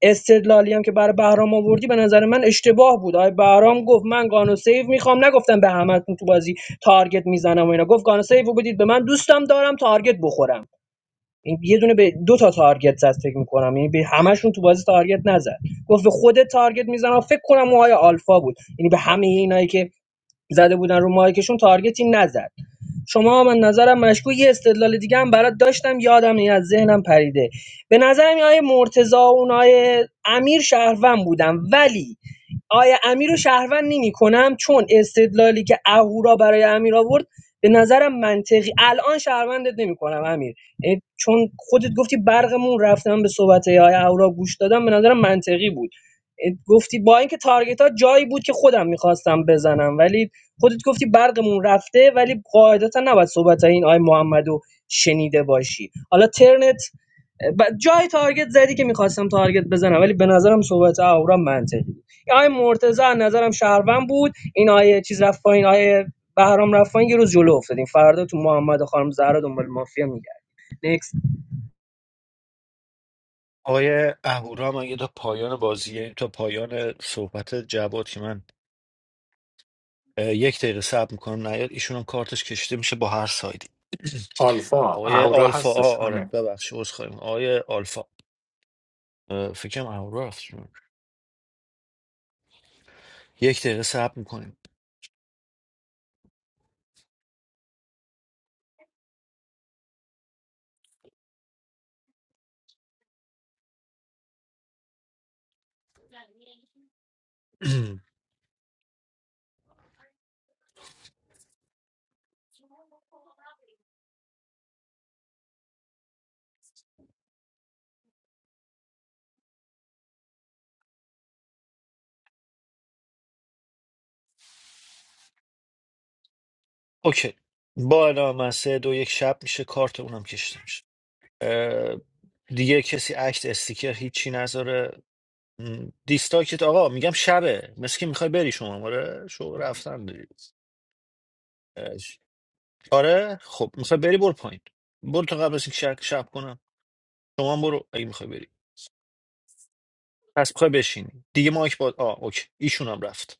S20: استدلالی هم که برای بهرام آوردی به نظر من اشتباه بود آقای بهرام گفت من گانو سیو میخوام نگفتم به همتون تو بازی تارگت میزنم و اینا گفت گانو سیو رو بدید به من دوستم دارم تارگت بخورم این یه دونه به دو تا تارگت زد فکر میکنم یعنی به همشون تو بازی تارگت نزد گفت به خود تارگت میزنم فکر کنم اون آقای آلفا بود یعنی به همه اینایی که زده بودن رو مایکشون تارگتی نزد شما من نظرم مشکوک یه استدلال دیگه هم برات داشتم یادم این از ذهنم پریده به نظرم آیه مرتضی و اونای امیر شهروند بودم ولی آیه امیر رو شهروند نمی چون استدلالی که اهورا برای امیر آورد به نظرم منطقی الان شهروندت نمی کنم امیر یعنی چون خودت گفتی برقمون رفتم به صحبت آیه اهورا گوش دادم به نظرم منطقی بود یعنی گفتی با اینکه تارگت ها جایی بود که خودم میخواستم بزنم ولی خودت گفتی برقمون رفته ولی قاعدتا نباید صحبت این آی محمدو شنیده باشی حالا ترنت ب- جای تارگت زدی که میخواستم تارگت بزنم ولی به نظرم صحبت آورام منطقی بود این آی مرتضی از نظرم شهروند بود این آی چیز رفت پایین آی بهرام رفت پایین یه روز جلو افتادیم فردا تو محمد و خانم زهرا دنبال مافیا میگرد نکست
S1: آقای اهورام اگه تا پایان بازیه تا پایان صحبت جواد که من اه، یک دقیقه صبر میکنم نیاد ایشون هم کارتش کشیده میشه با هر سایدی
S2: آلفا
S1: آقای
S2: اهورا
S1: آلفا آ
S2: هستش
S1: آره
S2: همین
S1: ببخشید عذرخواهی می‌کنم. آقای آلفا اه، فکرم اهورا رفت یک دقیقه صبر میکنیم اوکی با اعلام من سه دو یک شب میشه کارت اونم کشیده میشه اه، دیگه کسی عکس استیکر هیچی نذاره م، دیستاکت آقا میگم شبه مثل که میخوای بری شما آره شو رفتن دیگه اش. آره خب میخوای بری برو پایین برو تا قبل از اینکه شب, شب کنم شما هم برو اگه میخوای بری پس میخوای بشینی دیگه مایک با آ اوکی ایشون هم رفت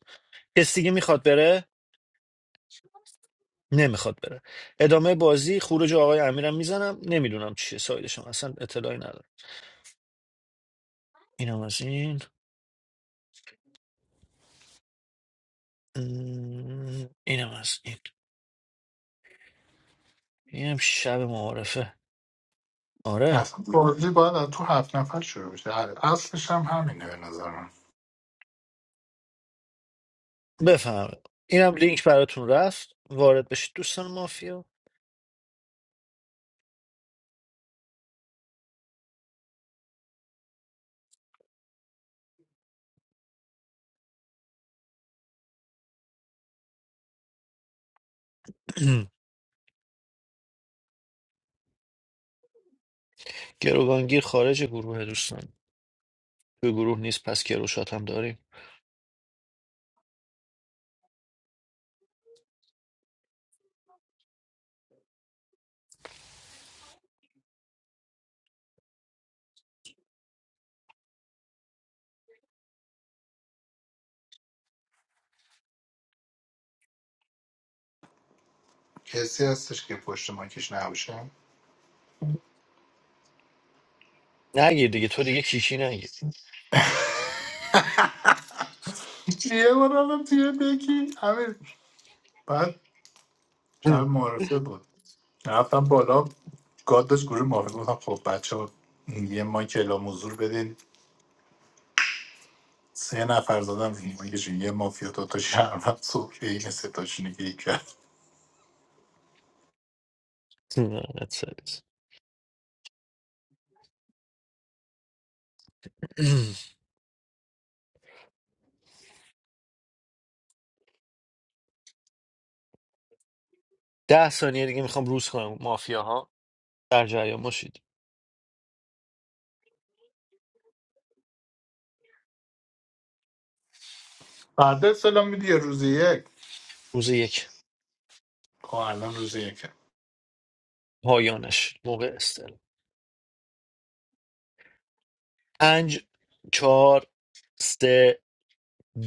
S1: کس دیگه میخواد بره نمیخواد بره ادامه بازی خروج آقای امیرم میزنم نمیدونم چیه سایدشم اصلا اطلاعی ندارم اینم از این م، اینم از این اینم شب معارفه آره
S2: اصلا بازی باید از تو هفت نفر شروع بشه اصلش هم همینه به نظر من
S1: بفهمید اینم لینک براتون رفت وارد بشید دوستان مافیا گروگانگیر خارج گروه دوستان به گروه نیست پس گروشات هم داریم
S2: کسی هستش که پشت ماکش نباشه
S1: نگیر دیگه تو دیگه کیکی نگیر
S2: یه بار رفتم توی بکی همین بعد شب معرفه بود رفتم بالا گاد داشت گروه معرفه بودم خب بچه ها یه مایک اعلام حضور بدین سه نفر زدم روی مایکشون یه مافیا دو تا شهروند صبح که این ستاشونه گیری کرد
S1: لعنت سرت. ده ثانیه دیگه میخوام روز کنم مافیا در جریان باشید
S2: بعد سلام میدی یه روز یک
S1: روز یک
S2: خب الان روز یک
S1: پایانش موقع استل پنج چهار سه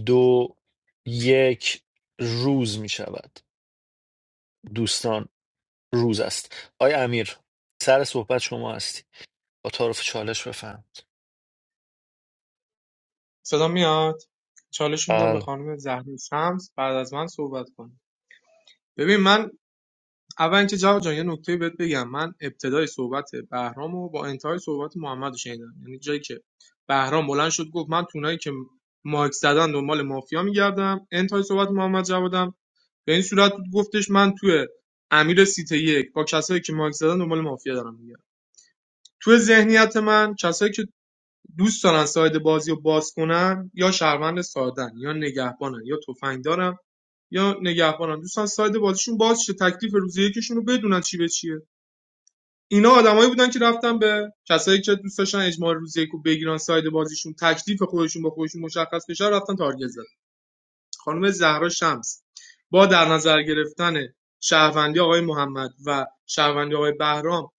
S1: دو یک روز می شود دوستان روز است آقای امیر سر صحبت شما هستی با تعارف چالش بفهم
S14: صدام میاد چالش میدم به
S1: بله
S14: خانم زهرا شمس بعد از من صحبت کنه ببین من اول اینکه جواد جان یه نکته بهت بگم من ابتدای صحبت بهرام و با انتهای صحبت محمد رو شنیدم یعنی جایی که بهرام بلند شد گفت من تونایی که مایک زدن دنبال مافیا میگردم انتهای صحبت محمد جوادم به این صورت بود گفتش من توی امیر سیت یک با کسایی که مایک زدن دنبال مافیا دارم میگردم توی ذهنیت من کسایی که دوست دارن ساید بازی رو باز کنن یا شهروند سادن یا نگهبانن یا تفنگ دارن یا نگهبانن دوستان ساید بازیشون باز شه تکلیف روز یکشون رو بدونن چی به چیه اینا آدمایی بودن که رفتن به کسایی که دوست داشتن اجماع روز یک رو بگیرن ساید بازیشون تکلیف خودشون با خودشون مشخص بشه رفتن تارگت زدن خانم زهرا شمس با در نظر گرفتن شهروندی آقای محمد و شهروندی آقای بهرام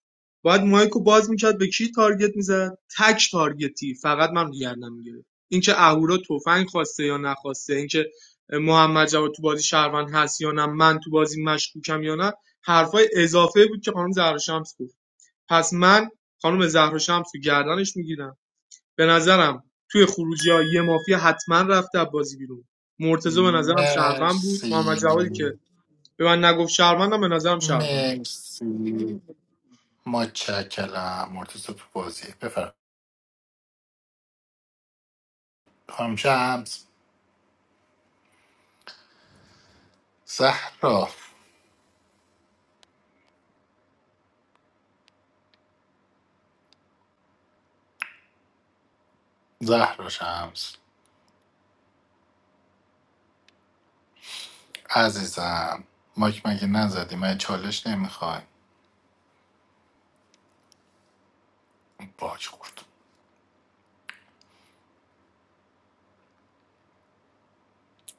S14: باید مایکو باز میکرد به کی تارگت میزد تک تارگتی فقط من گردم میگیره اینکه اهورا تفنگ خواسته یا نخواسته اینکه محمد جواد تو بازی شهروند هست یا نه من تو بازی مشکوکم یا نه حرفای اضافه بود که خانم زهرا شمس گفت پس من خانم زهرا شمس رو گردنش میگیرم به نظرم توی خروجی یه مافیا حتما رفته از بازی بیرون مرتضی به نظرم شهروند بود محمد جوادی که
S2: مرسی
S14: به من نگفت شهروندم به نظرم شهروند بود
S2: مرسی متشکرم مرتضی تو بازی بفرم خانم شمس زهرا زهرا شمس عزیزم مایک مگه نزدی من چالش نمیخوای باج خورد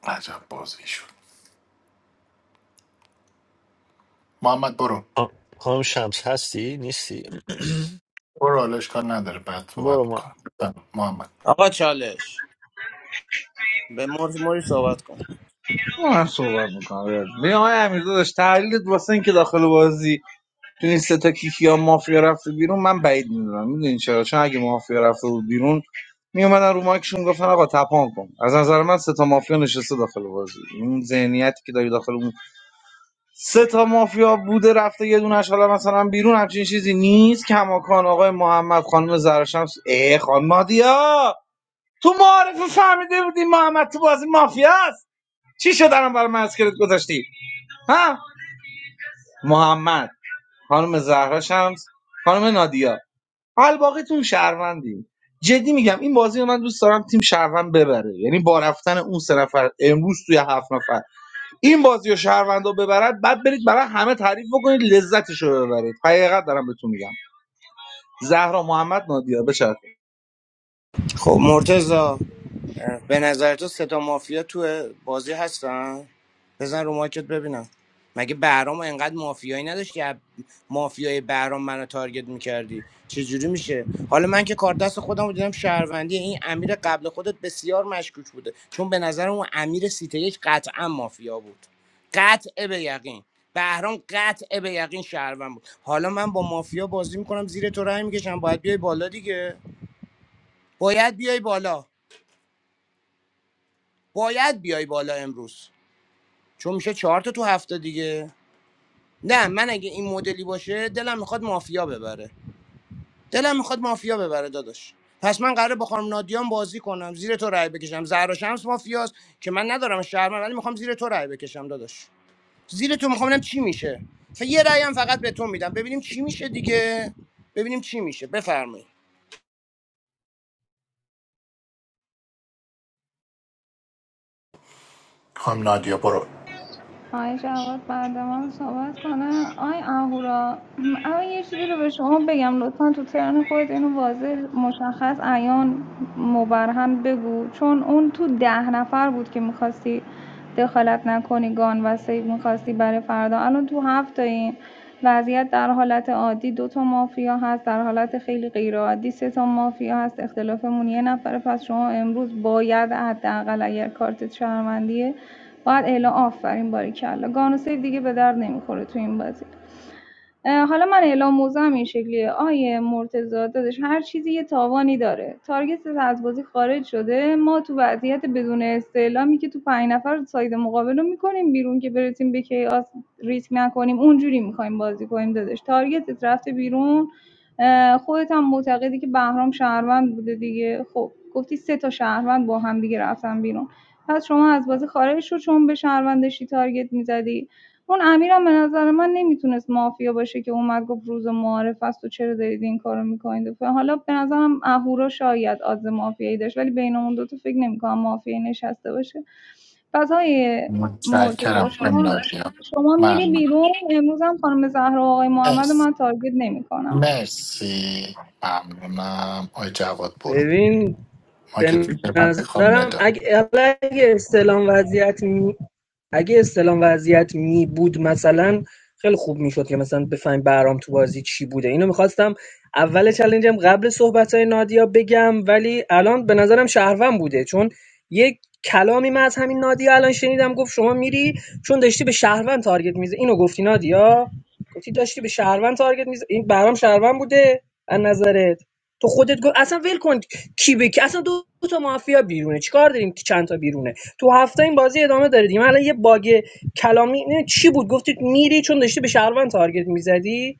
S2: عجب بازی شد محمد برو
S1: خان- خانم شمس هستی نیستی
S2: برو حالش کار نداره بعد صحبت
S1: برو ما
S2: میکنم محمد
S6: آقا چالش به موری موری صحبت کن
S15: من صحبت میکنم ببین آقای امیر داداش تحلیلت واسه اینکه داخل بازی تو این سه تا کیکی ها مافیا رفته بیرون من بعید میدونم میدونین چرا چون اگه مافیا رفته بود بیرون میومدن رو مایکشون گفتن آقا تپان کن از نظر من سه تا مافیا نشسته داخل بازی اون ذهنیتی که داری داخل اون سه تا مافیا بوده رفته یه دونش حالا مثلا بیرون همچین چیزی نیست کماکان آقای محمد خانم زرشمس ای خانم نادیا تو معارفه فهمیده بودی محمد تو بازی مافیا است چی شد الان برای من اسکلت گذاشتی ها محمد خانم زهرا شمس خانم نادیا حال الباقیتون شهروندیم جدی میگم این بازی رو من دوست دارم تیم شهروند ببره یعنی با رفتن اون سه نفر امروز توی هفت نفر این بازی رو شهروندا ببرد بعد برید برای همه تعریف بکنید لذتش رو ببرید حقیقت دارم بهتون میگم زهرا محمد نادیا بچرخید.
S6: خب مرتزا به نظر تو ستا مافیا تو بازی هستن بزن رو مایکت ببینم مگه بهرام انقدر مافیایی نداشتی از مافیای بهرام منو تارگت میکردی چجوری میشه حالا من که کار دست خودم رو دیدم شهروندی این امیر قبل خودت بسیار مشکوک بوده چون به نظرم اون امیر سیته یک قطعا مافیا بود قطع به یقین بهرام قطع به یقین شهروند بود حالا من با مافیا بازی میکنم زیر تو رای میکشم باید بیای بالا دیگه باید بیای بالا باید بیای بالا امروز چون میشه چهار تا تو هفته دیگه نه من اگه این مدلی باشه دلم میخواد مافیا ببره دلم میخواد مافیا ببره داداش پس من قراره با خانم نادیان بازی کنم زیر تو رای بکشم زهرا شمس مافیاست که من ندارم شهرمن ولی میخوام زیر تو رای بکشم داداش زیر تو میخوام ببینم چی میشه ف- یه رأی هم فقط به تو میدم ببینیم چی میشه دیگه ببینیم چی میشه بفرمایید
S2: خانم نادیا برو
S13: آقای جواد بعد من صحبت کنه آقای اهورا اما یه چیزی رو به شما بگم لطفا تو ترن خودت اینو واضح مشخص عیان مبرهن بگو چون اون تو ده نفر بود که میخواستی دخالت نکنی گان و سیب میخواستی برای فردا الان تو هفت این وضعیت در حالت عادی دو تا مافیا هست در حالت خیلی غیر عادی سه تا مافیا هست اختلافمون یه نفره پس شما امروز باید حداقل اگر کارت شهروندیه باید الا آفرین باریکلا گانوسه دیگه به درد نمیخوره تو این بازی حالا من اعلام موضعم این شکلیه آیه مرتضی داداش هر چیزی یه تاوانی داره تارگتت از بازی خارج شده ما تو وضعیت بدون استعلامی که تو پنج نفر ساید مقابل رو میکنیم بیرون که برسیم به کیاس ریسک نکنیم اونجوری میخوایم بازی کنیم داداش تارگتت رفته بیرون اه، خودت هم معتقدی که بهرام شهروند بوده دیگه خب گفتی سه تا شهروند با هم دیگه رفتن بیرون پس شما از بازی خارج شو چون به شهروندشی تارگت میزدی اون امیرم به نظر من نمیتونست مافیا باشه که اومد گفت روز معارف است و چرا دارید این کارو میکنید حالا به نظرم اهورا شاید آدز مافیایی داشت ولی بین دو دوتا فکر نمیکنم مافیایی نشسته باشه پس های
S2: متشکرم
S13: مرتضی
S2: خانم
S13: شما
S2: نادیا
S13: شما میری
S2: ممنون
S13: بیرون امروز هم خانم زهرا و آقای محمد من تارگت نمیکنم
S2: مرسی ممنونم آی جواد برو
S20: ببین
S2: ما که
S20: به
S2: توی من میخوام
S20: نظرم
S2: ندا
S20: اگه اگه استلام وضعیت می... اگه استلام وضعیت می بود مثلا خیلی خوب میشد که مثلا بفهمیم برام تو بازی چی بوده اینو میخواستم اول چلنجم قبل صحبت نادیا بگم ولی الان به نظرم شهروند بوده چون یک کلامی من از همین نادیا الان شنیدم گفت شما میری چون داشتی به شهروند تارگت میزه اینو گفتی نادیا گفتی داشتی به شهروند تارگت میزه این برام شهروند بوده از نظرت تو خودت گفت اصلا ول کن کی به کی اصلا دو, تا مافیا بیرونه چیکار داریم که چند تا بیرونه تو هفته این بازی ادامه داره دیگه الان یه باگ کلامی نه چی بود گفتید میری چون داشتی به شهروند تارگت میزدی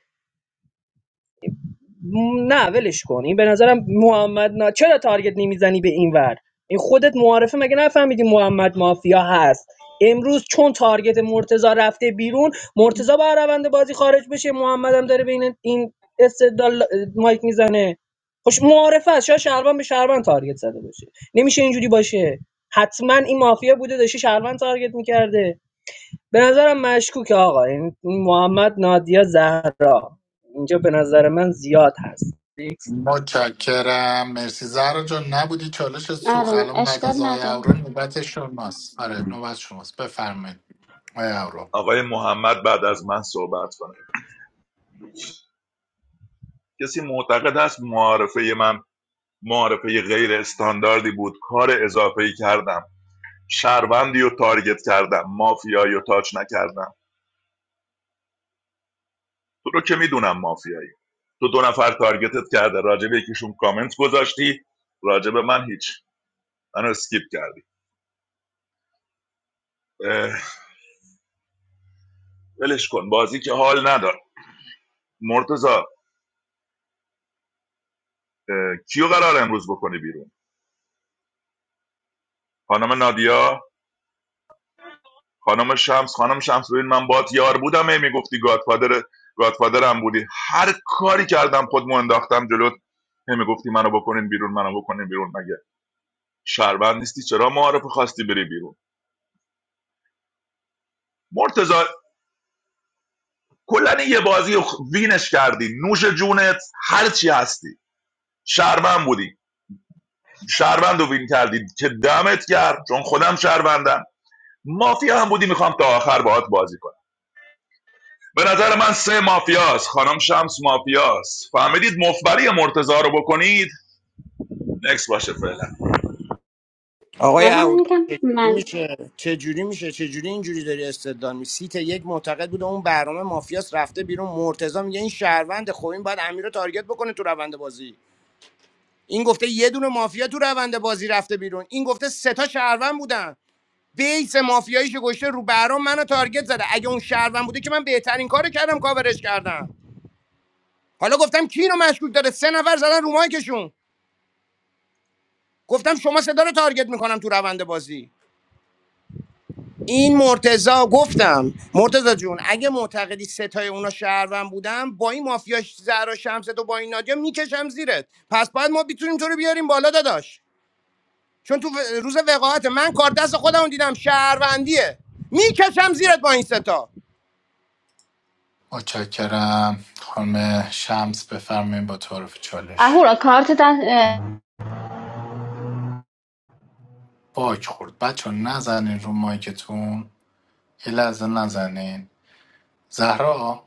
S20: نه ولش کن این به نظرم محمد نا... چرا تارگت نمیزنی به این ور این خودت معارفه مگه نفهمیدی محمد مافیا هست امروز چون تارگت مرتزا رفته بیرون مرتزا با روند بازی خارج بشه محمد هم داره بین این استدلال مایک میزنه خوش معارفه است شاید شهروند به شهروند تارگت زده باشه نمیشه اینجوری باشه حتما این مافیا بوده داشته شهروند تارگت میکرده به نظرم مشکوکه آقا این این محمد نادیا زهرا اینجا به نظر من زیاد هست
S2: متشکرم مرسی زهرا جان نبودی چالش سوخ
S11: آره
S2: الان بعد
S11: اشکال
S2: از آقای
S11: نداره
S2: اورا نوبت شماست آره نوبت شماست بفرمایید آقای اورا
S9: آقای محمد بعد از من صحبت کنه کسی معتقد است معارفه من معارفه غیر استانداردی بود کار اضافه کردم شهروندی و تارگت کردم مافیایی و تاچ نکردم تو رو که میدونم مافیایی تو دو نفر تارگتت کرده راجب یکیشون کامنت گذاشتی راجب من هیچ منو اسکیپ کردی اه، ولش کن بازی که حال ندار مرتضی اه، کیو قرار امروز بکنی بیرون خانم نادیا خانم شمس خانم شمس ببین من بات یار بودم هی میگفتی گادفادر گادفادرم بودی هر کاری کردم خودمو انداختم جلوت هی میگفتی منو بکنین بیرون منو بکنین بیرون مگه شهروند نیستی چرا معارف خواستی بری بیرون مرتضی کلا یه بازی رو وینش کردی نوش جونت هر چی هستی شهروند بودی شهروند رو وین کردی که دمت کرد چون خودم شهروندم مافیا هم بودی میخوام تا آخر باهات بازی کنم. به نظر من سه مافیاست خانم شمس مافیاست فهمیدید مفبری مرتضا رو بکنید نکس باشه فعلا
S6: آقای
S11: آره، من
S6: اهورا
S11: میگم
S6: چجوری
S11: من
S6: میشه چجوری میشه چجوری اینجوری داری استدلال می سیت یک معتقد بوده اون برنامه مافیاس رفته بیرون مرتضی میگه این شهروند خب این باید امیر رو تارگت بکنه تو روند بازی این گفته یه دونه مافیا تو روند بازی رفته بیرون این گفته سه تا شهروند بودن بیس مافیاییشو گشته رو برام منو تارگت زده اگه اون شهروند بوده که من بهترین کارو کردم کاورش کردم حالا گفتم کی رو مشکوک داره سه نفر زدن رو مایکشون گفتم شما صدا رو تارگت میکنم تو روند بازی این مرتزا گفتم مرتزا جون اگه معتقدی ستای اونا شهروند بودم با این مافیا زهرا شمس تو با این نادیا میکشم زیرت پس باید ما بتونیم تو رو بیاریم بالا داداش چون تو و- روز وقاحت من کار دست خودم رو دیدم شهروندیه میکشم زیرت با این ستا
S2: متشکرم خانم شمس بفرمایید با تعارف چالش
S11: اهورا کارت دست- اه،
S2: باک خورد بچه نزنین رو مایکتون یه لحظه نزنین زهرا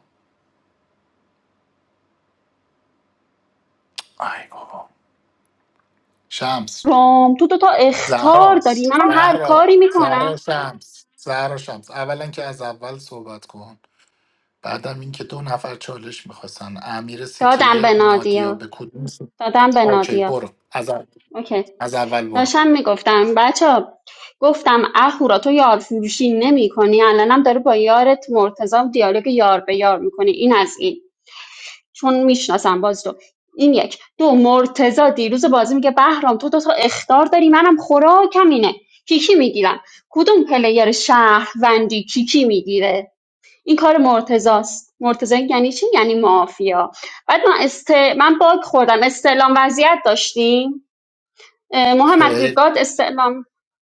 S2: ای بابا شمس
S11: روم تو تو تا اختار داری
S2: زهراست
S11: منم هر
S2: زهرا
S11: کاری
S2: زهرا
S11: میکنم
S2: شمس زهرا شمس اولا که از اول صحبت کن بعدم این که دو نفر چالش میخواستن امیر سیت
S11: دادم به
S2: یک نادیا
S11: نادیا
S2: به کدوم سیت
S11: دادم به
S2: اوکی
S11: نادیا
S2: برو از, اول-
S11: اوکی
S2: از اول برو
S11: داشتم میگفتم بچه ها، گفتم اهورا تو یار فروشی نمی کنی الانم داره با یارت مرتضی دیالوگ یار به یار میکنی این از این چون میشناسم باز تو این یک دو مرتضی دیروز بازی میگه بهرام تو دو تا اختار داری منم خوراکم اینه کیکی میگیرم کدوم پلیر شهروندی کیکی میگیره این کار مرتضاست مرتضی یعنی چی یعنی مافیا بعد من است... من باگ خوردم استعلام وضعیت داشتیم اه، محمد
S2: خیلی
S11: گاد استعلام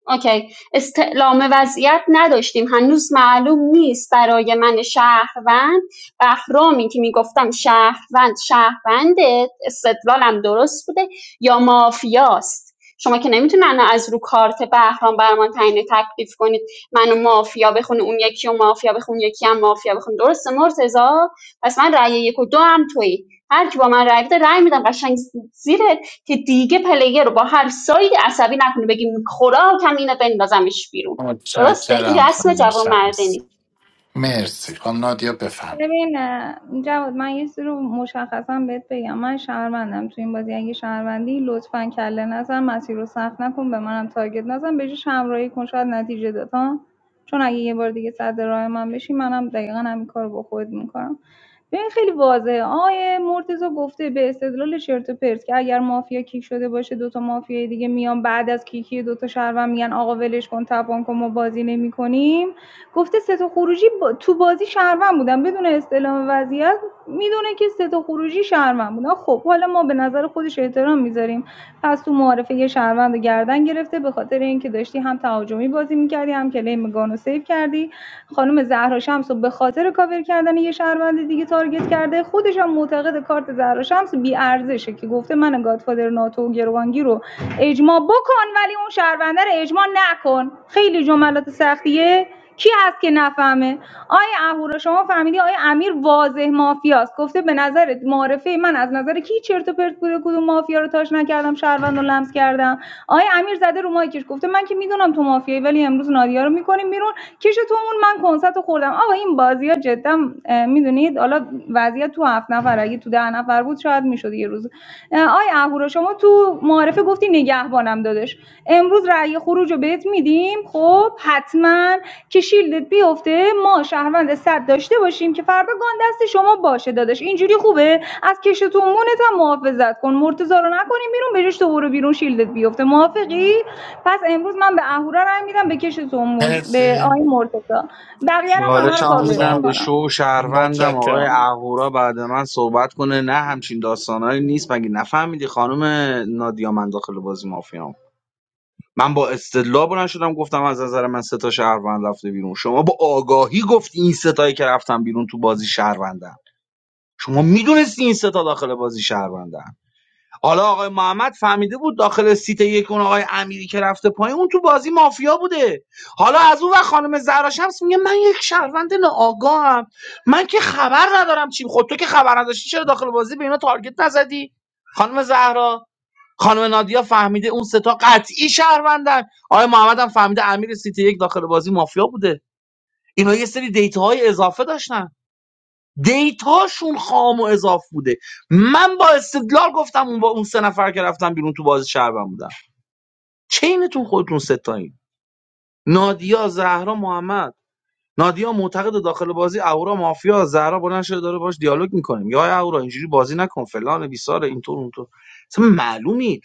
S11: اوکی استعلام وضعیت نداشتیم هنوز معلوم نیست برای من شهروند بهرامی که میگفتم شهروند شهرونده استدلالم درست بوده یا مافیاست شما که نمیتونن از رو کارت بهرام برمان تعیین تکلیف کنید منو مافیا بخونه اون یکی و مافیا بخون یکی هم مافیا بخون درسته مرتضی پس من رأی یک و دو هم تویی هر کی با من رأی بده رأی میدم قشنگ زیرت که دیگه پلیر رو با هر سایدی عصبی نکنه بگیم خوراکم اینه بندازمش بیرون درسته این
S2: متشکرم
S11: رسم
S2: خانم
S11: جوان
S2: شمس
S11: مردنی
S2: مرسی خانم نادیا بفهمید
S13: ببین اه، جواد من یه چیزی رو مشخصا بهت بگم من شهروندم تو این بازی اگه شهروندی لطفا کله نزن مسیر رو سخت نکن به منم تارگت نزن به جاش همراهی کن شاید نتیجه داد ها چون اگه یه بار دیگه صد راه من بشی منم دقیقا همین کار رو با خود میکنم ببین خیلی واضحه آقای مرتزا گفته به استدلال چرت و پرت که اگر مافیا کیک شده باشه دوتا مافیای دیگه میان بعد از کیکی دوتا شهروند میگن آقا ولش کن تپان کن ما بازی نمیکنیم گفته سه تا خروجی با- تو بازی شهروند بودن بدون استعلام وضعیت میدونه که سه تا خروجی شهروند بودن خب حالا ما به نظر خودش احترام میذاریم پس تو معارفه یه شهروند گردن گرفته به خاطر اینکه داشتی هم تهاجمی بازی میکردی هم کلیم گانو سیو کردی خانم زهرا شمس به خاطر کاور کردن یه شهروند دیگه تارگت کرده خودش هم معتقد کارت زهرا شمس بی ارزشه که گفته من گادفادر ناتو و گروانگی رو اجماع بکن ولی اون شهرونده رو اجماع نکن خیلی جملات سختیه کی هست که نفهمه آیه اهورا شما فهمیدی آیا امیر واضح مافیاست گفته به نظر معرفه من از نظر کی چرت و پرت بوده کدوم مافیا رو تاش نکردم شهروند رو لمس کردم آیا امیر زده رو مایکش گفته من که میدونم تو مافیایی ولی امروز نادیا رو میکنیم بیرون کش تو من کنسرت خوردم آقا این بازی ها جدا میدونید حالا وضعیت تو هفت نفر اگه تو ده نفر بود شاید میشد یه روز آیا اهورا شما تو معارفه گفتی نگهبانم دادش امروز رأی خروج رو بهت میدیم خب حتما که شیلدت بیفته ما شهروند صد داشته باشیم که فردا گان دست شما باشه دادش اینجوری خوبه از کش تو مونت هم محافظت کن مرتضی رو نکنیم بیرون بهش تو برو بیرون شیلدت بیفته موافقی پس امروز من به اهورا رأی میدم به کش تو مون به
S2: مرسی
S13: آقای مرتضی بقیه هم همه رو
S15: چالشمو
S2: مرتضی
S13: کاور
S15: میدم به
S2: جان
S13: میکنم
S15: شو و شهروندم آقای
S2: متشکرم
S15: اهورا بعد من صحبت کنه نه همچین داستانایی نیست مگه نفهمیدی خانم نادیا من داخل بازی مافیام من با استدلال بلند شدم گفتم از نظر من سه تا شهروند رفته بیرون شما با آگاهی گفتی این ستایی که رفتن بیرون تو بازی شهروندن شما میدونستی این سه تا داخل بازی شهروندن حالا آقای محمد فهمیده بود داخل سیت یک اون آقای امیری که رفته پایین اون تو بازی مافیا بوده حالا از اون و خانم زهرا شمس میگه من یک شهروند ناآگاهم من که خبر ندارم چی خود تو که خبر نداشتی چرا داخل بازی به اینا تارگت نزدی خانم زهرا خانم نادیا فهمیده اون ستا قطعی شهروندن آقای محمد هم فهمیده امیر سیت یک داخل بازی مافیا بوده اینا یه سری دیتا اضافه داشتن دیتاشون خام و اضاف بوده من با استدلال گفتم اون با اون سه نفر که رفتن بیرون تو بازی شهروند بودن چینتون خودتون ستایین نادیا زهرا محمد نادیا معتقد داخل بازی اورا مافیا زهرا بلند شده داره باش دیالوگ میکنه یا اورا اینجوری بازی نکن فلان بیسار اینطور اونطور اصلا معلومی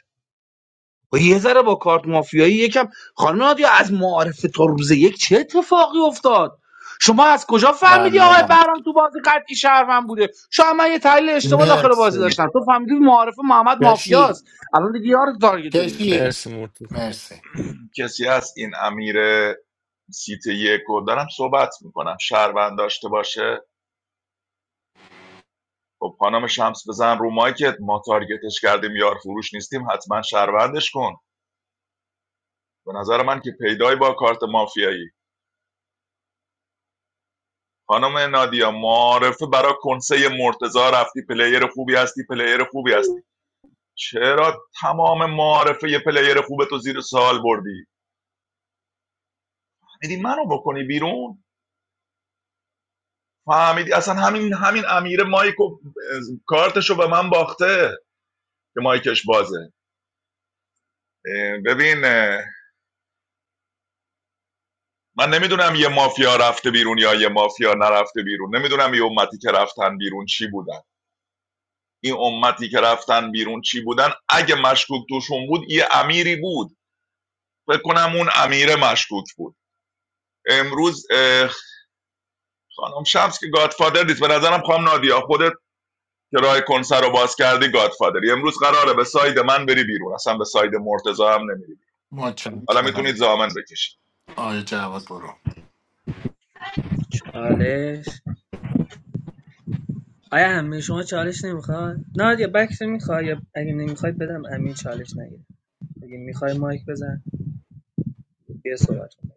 S15: و یه ذره با کارت مافیایی یکم خانم نادیا از معارف تا روز یک چه اتفاقی افتاد شما از کجا فهمیدی آقای
S2: ممنونم
S15: برام تو بازی قطعی شهروند بوده شاید من یه تحلیل اشتباه داخل
S2: مرسی
S15: بازی داشتم تو فهمیدی معارف محمد
S2: کشی
S15: مافیاست الان دیگه یار تارگت نمی‌کنی.
S2: کشی
S1: مرسی مرتضی
S2: مرسی
S9: کسی هست این امیر سیت یک رو دارم صحبت میکنم شهروند داشته باشه خب خانم شمس بزن رو مایکت ما تارگتش کردیم یار فروش نیستیم حتما شهروندش کن به نظر من که پیدای با کارت مافیایی خانم نادیا معارفه برای کنسه مرتزا رفتی پلیر خوبی هستی پلیر خوبی هستی چرا تمام معارفه یه پلیر خوب تو زیر سوال بردی میدی منو بکنی بیرون فهمیدی اصلا همین همین امیر مایک و کارتشو به من باخته که مایکش بازه ببین من نمیدونم یه مافیا رفته بیرون یا یه مافیا نرفته بیرون نمیدونم یه امتی که رفتن بیرون چی بودن این امتی که رفتن بیرون چی بودن اگه مشکوک توشون بود یه امیری بود فکر کنم اون امیر مشکوک بود امروز خانم شمس که گادفادر نیست به نظرم خانم نادیا خودت که راه کنسر رو باز کردی گادفادری امروز قراره به ساید من بری بیرون اصلا به ساید مرتضا هم نمیری حالا
S2: متشکرم
S9: میتونید زامن بکشید
S2: آقای جواد برو
S20: چالش آیا همه شما چالش نمیخواد نه یا بکس میخوای یا اگه نمیخوای بدم امیر چالش نگیره اگه میخوای مایک بزن بیا صحبت کن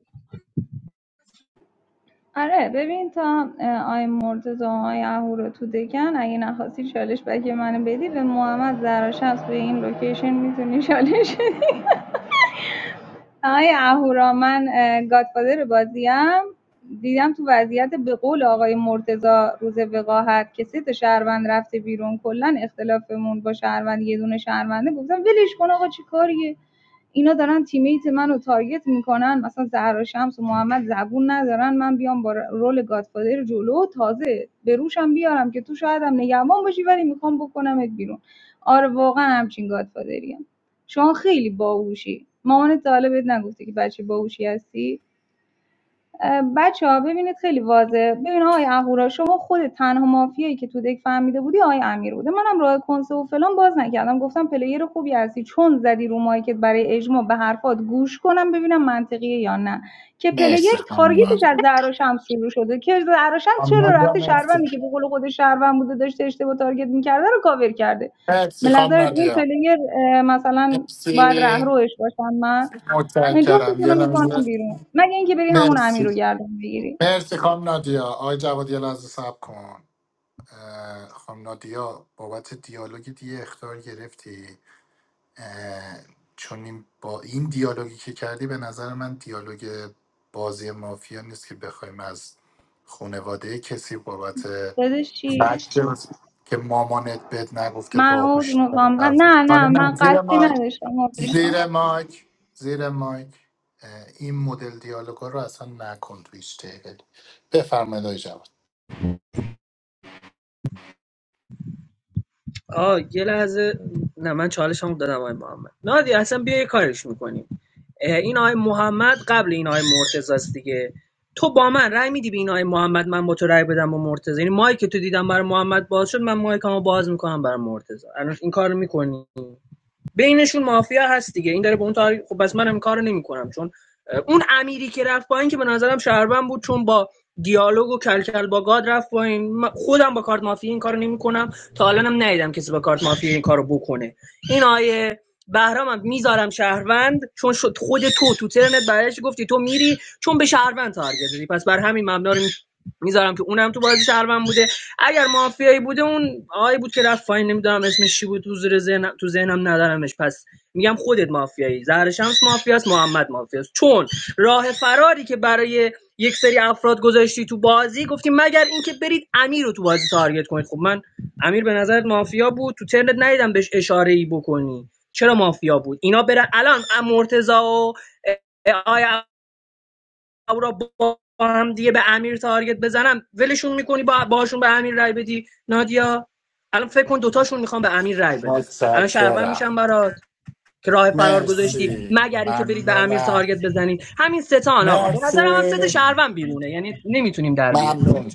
S13: آره ببین تا اه، آی مرتضی و آی اهو رو تو دکن اگه نخواستی چالش بکی منو بدی به محمد زراش هست به این لوکیشن میتونی چالش بدی. آی اهورا من اه، گادفادر بازیم دیدم تو وضعیت به قول آقای مرتضی روز وقاحت که سه تا شهروند رفته بیرون کلا اختلافمون با شهروند یه دونه شهرونده گفتم ولش کن آقا چی کاریه اینا دارن تیمیت منو تارگت میکنن مثلا زهرا شمس و محمد زبون ندارن من بیام با رول گادفادر جلو تازه به روشم بیارم که تو شاید هم نگهبان باشی ولی میخوام بکنمت بیرون آره واقعا همچین گادفادریم شما خیلی باهوشی مامانت تا حالا بهت نگفته که بچه باهوشی هستی بچه‌ها ببینید خیلی واضحه ببین آقای اهورا شما خود تنها مافیایی که تو دک فهمیده بودی آقای امیر بوده منم راه کنسه و فلان باز نکردم گفتم پلیر خوبی هستی چون زدی رو مایکت برای اجماع به حرفات گوش کنم ببینم منطقیه یا نه که پلیر
S2: مرسی خانم
S13: تارگتش
S2: نادیا
S13: از زهرا شمس شروع شده که زهرا شمس
S2: خانم
S13: چرا
S2: نادیا
S13: رفته
S2: مرسی
S13: شهروندی که به قول خود شهروند بوده داشته اشتباه تارگت میکرده رو کاور کرده به
S2: مرسی خانم
S13: نظرت این
S2: نادیا
S13: پلیر اه، مثلا باید
S2: مرسی
S13: رهروش باشم من
S2: متشکرم
S13: جفتتون رو
S2: یه
S13: میکنم
S2: لحظه
S13: بیرون مگه اینکه بری همون امیر رو
S2: مرسی
S13: گردن بگیری
S2: مرسی خانم نادیا آقای جواد یه لحظه صبر کن اه، خانم نادیا بابت دیالوگ دیگه اختار گرفتی اه، چون این با این دیالوگی که کردی به نظر من دیالوگ بازی مافیا نیست که بخوایم از خانواده کسی بابت
S13: داداش چی
S2: فکت که مامانت بهت نگفته
S13: من عوض
S2: باهوش
S13: میخوام من
S2: حرف بزن.
S13: نه
S2: آره
S13: نه
S2: نه
S13: من
S2: زیر
S13: قصدی
S2: مایک
S13: نداشتم عوض میخوام
S2: زیر مایک زیر مایک اه، این مدل دیالوگا رو اصلا نکن تو هیچ تیبل بفرمایید آقای جواد
S20: آ یه لحظه نه من چالش هم دادم آقای محمد نادی اصلا بیا یه کارش میکنیم این آقای محمد قبل این آقای مرتضی است دیگه تو با من رأی میدی به این آقای محمد من با تو رأی بدم با مرتضی یعنی مایک تو دیدم برای محمد باز شد من مایکمو باز میکنم برای مرتضی الان این کارو میکنی بینشون مافیا هست دیگه این داره به اون تاریخ خب بس منم کارو نمیکنم چون اون امیری که رفت پایین که به نظرم شهروند بود چون با دیالوگ و کلکل با گاد رفت پایین من خودم با کارت مافیا این کارو نمیکنم تا الان هم ندیدم کسی با کارت مافیا این کارو بکنه این آیه بهرامم میذارم شهروند چون شد خود تو تو ترنت برایش گفتی تو میری چون به شهروند تارگت زدی پس بر همین مبنا رو میذارم که اونم تو بازی شهروند بوده اگر مافیایی بوده اون آقایی بود که رفت پایین نمیدونم اسمش چی بود تو زیر ذهنم تو ذهنم ندارمش پس میگم خودت مافیایی زهر شمس مافیاست محمد مافیاست چون راه فراری که برای یک سری افراد گذاشتی تو بازی گفتی مگر اینکه برید امیر رو تو بازی تارگت کنید خب من امیر به نظرت مافیا بود تو ترنت ندیدم بهش اشاره ای بکنی چرا مافیا بود اینا برن الان مرتضی و آیا را با با هم دیگه به امیر تارگت بزنم ولشون میکنی با باشون به امیر رای بدی نادیا الان فکر کن دوتاشون میخوان به امیر رای بدن الان شهروند
S2: متشکرم
S20: میشن برات که راه فرار گذاشتی
S2: مرسی
S20: مگر اینکه برید به امیر
S2: ممنونم
S20: تارگت بزنید همین ستان آقا به نظر من ست
S2: مرسی
S20: شهروند بیرونه یعنی نمیتونیم در بیاریم
S2: ممنون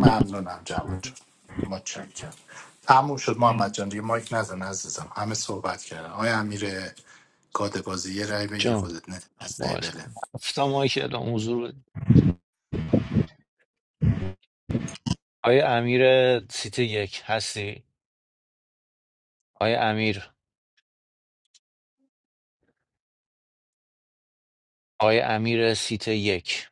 S2: ممنونم جواد جان متشکرم تموم شد محمد جان دیگه مایک نزن عزیزم همه صحبت کردن آیا امیر گاد بازی یه رای بگی
S1: جان
S2: خودت نه از
S1: باشه.
S2: بله
S1: هفته ماهی که اعلام حضور بدیم. آیا امیر سیت یک هستی؟ آیا امیر آیا امیر سیت یک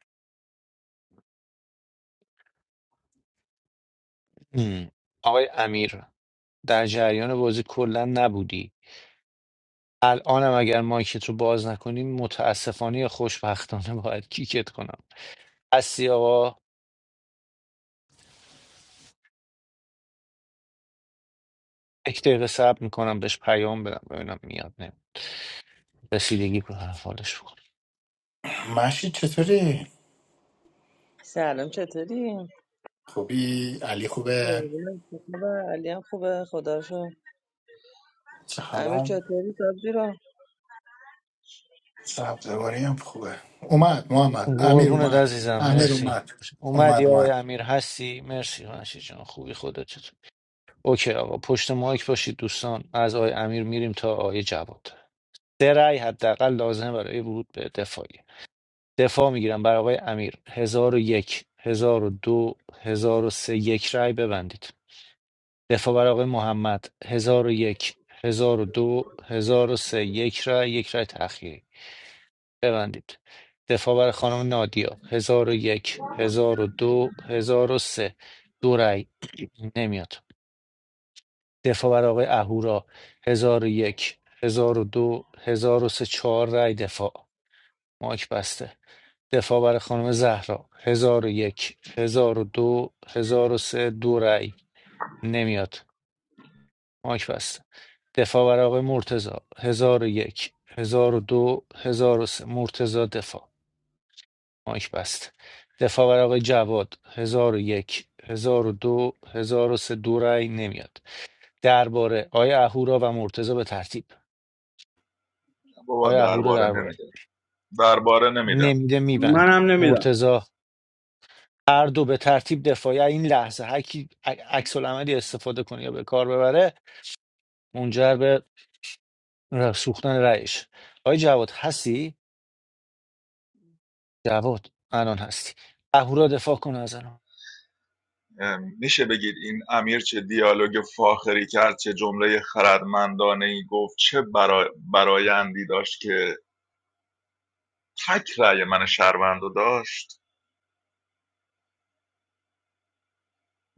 S1: هم. آقای امیر در جریان بازی کلا نبودی الانم اگر مایکت رو باز نکنیم متاسفانه یا خوشبختانه باید کیکت کنم هستی آقا یک دقیقه صبر میکنم بهش پیام بدم ببینم میاد نه رسیدگی به هر حالش بکن
S2: مشید چطوری
S21: سلام چطوری؟
S2: خوبی علی خوبه
S21: قربونت، خوبه علی هم خوبه خدا رو شکر.
S2: چه
S21: امیر
S2: خبر
S21: چطوری سبزی رو؟
S2: سبزواری هم خوبه اومد محمد امیر
S1: قربونت
S2: اومد
S1: عزیزم
S2: امیر
S1: مرسی
S2: اومد
S1: اومدی
S2: اومد
S1: آقای
S2: اومد
S1: امیر هستی مرسی منشی جان خوبی خودت چطور اوکی آقا پشت مایک باشید دوستان از آقای امیر میریم تا آقای جواد سه رأی حداقل لازمه برای ورود به دفاعی دفاع میگیرم برای آقای امیر هزار و یک هزار و دو هزار و سه یک رأی ببندید دفاع بر آقای محمد هزار و یک هزار و دو هزار و سه یک رای یک رای تأخیری ببندید دفاع بر خانم نادیا هزار و یک هزار و دو هزار و سه دو رای نمیاد دفاع بر آقای اهورا هزار و یک هزار و دو هزار و سه چهار رای دفاع ماک بسته دفاع بر خانم زهرا هزار و یک هزار و دو هزار و سه دو رای نمیاد ماک بسته دفاع برای آقای مرتزا هزار و یک هزار و دو هزار و سه مرتزا دفاع مایک بست دفاع برای آقای جواد هزار و یک هزار و دو هزار و سه دو رأی نمیاد درباره آیا اهورا و مرتزا به ترتیب
S9: بابا
S1: آیا اهورا
S9: درباره
S1: درباره
S9: نمیدم. درباره نمیدم
S1: نمیده میبند
S15: منم نمیدم
S1: مرتزا هر دو به ترتیب دفاعی این لحظه هر کی ع- عکس العملی استفاده کنه یا به کار ببره منجر به ر- سوختن رأیش آقای جواد هستی جواد الان هستی اهورا دفاع کن از الان
S9: ام، میشه بگید این امیر چه دیالوگ فاخری کرد چه جمله خردمندانه ای گفت چه برا... برایندی داشت که تک رأی من شهروند رو داشت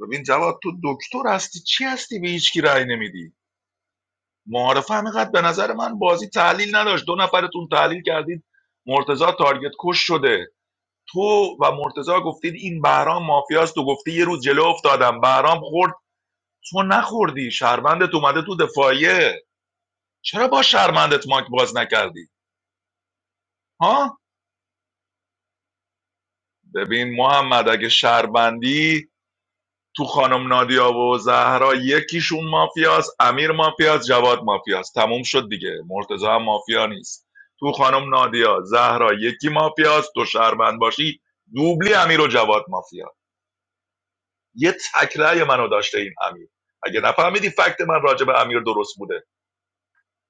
S9: ببین جواد تو دکتر هستی چی هستی به هیچکی رأی نمیدی معارفه هم اینقدر به نظر من بازی تحلیل نداشت دو نفرتون تحلیل کردید مرتزا تارگت کش شده تو و مرتزا گفتید این بهرام مافیاست تو گفتی یه روز جلو افتادم بهرام خورد تو نخوردی شرمندت اومده تو دفاعیه چرا با شرمندت ماک باز نکردی ها ببین محمد اگه شرمندی تو خانم نادیا و زهرا یکیشون مافیاست امیر مافیاست جواد مافیاست تموم شد دیگه مرتضی هم مافیا نیست تو خانم نادیا زهرا یکی مافیاست تو شهروند باشی دوبلی امیر و جواد مافیا یه تکرای منو داشته این امیر اگه نفهمیدی فکت من راجع به امیر درست بوده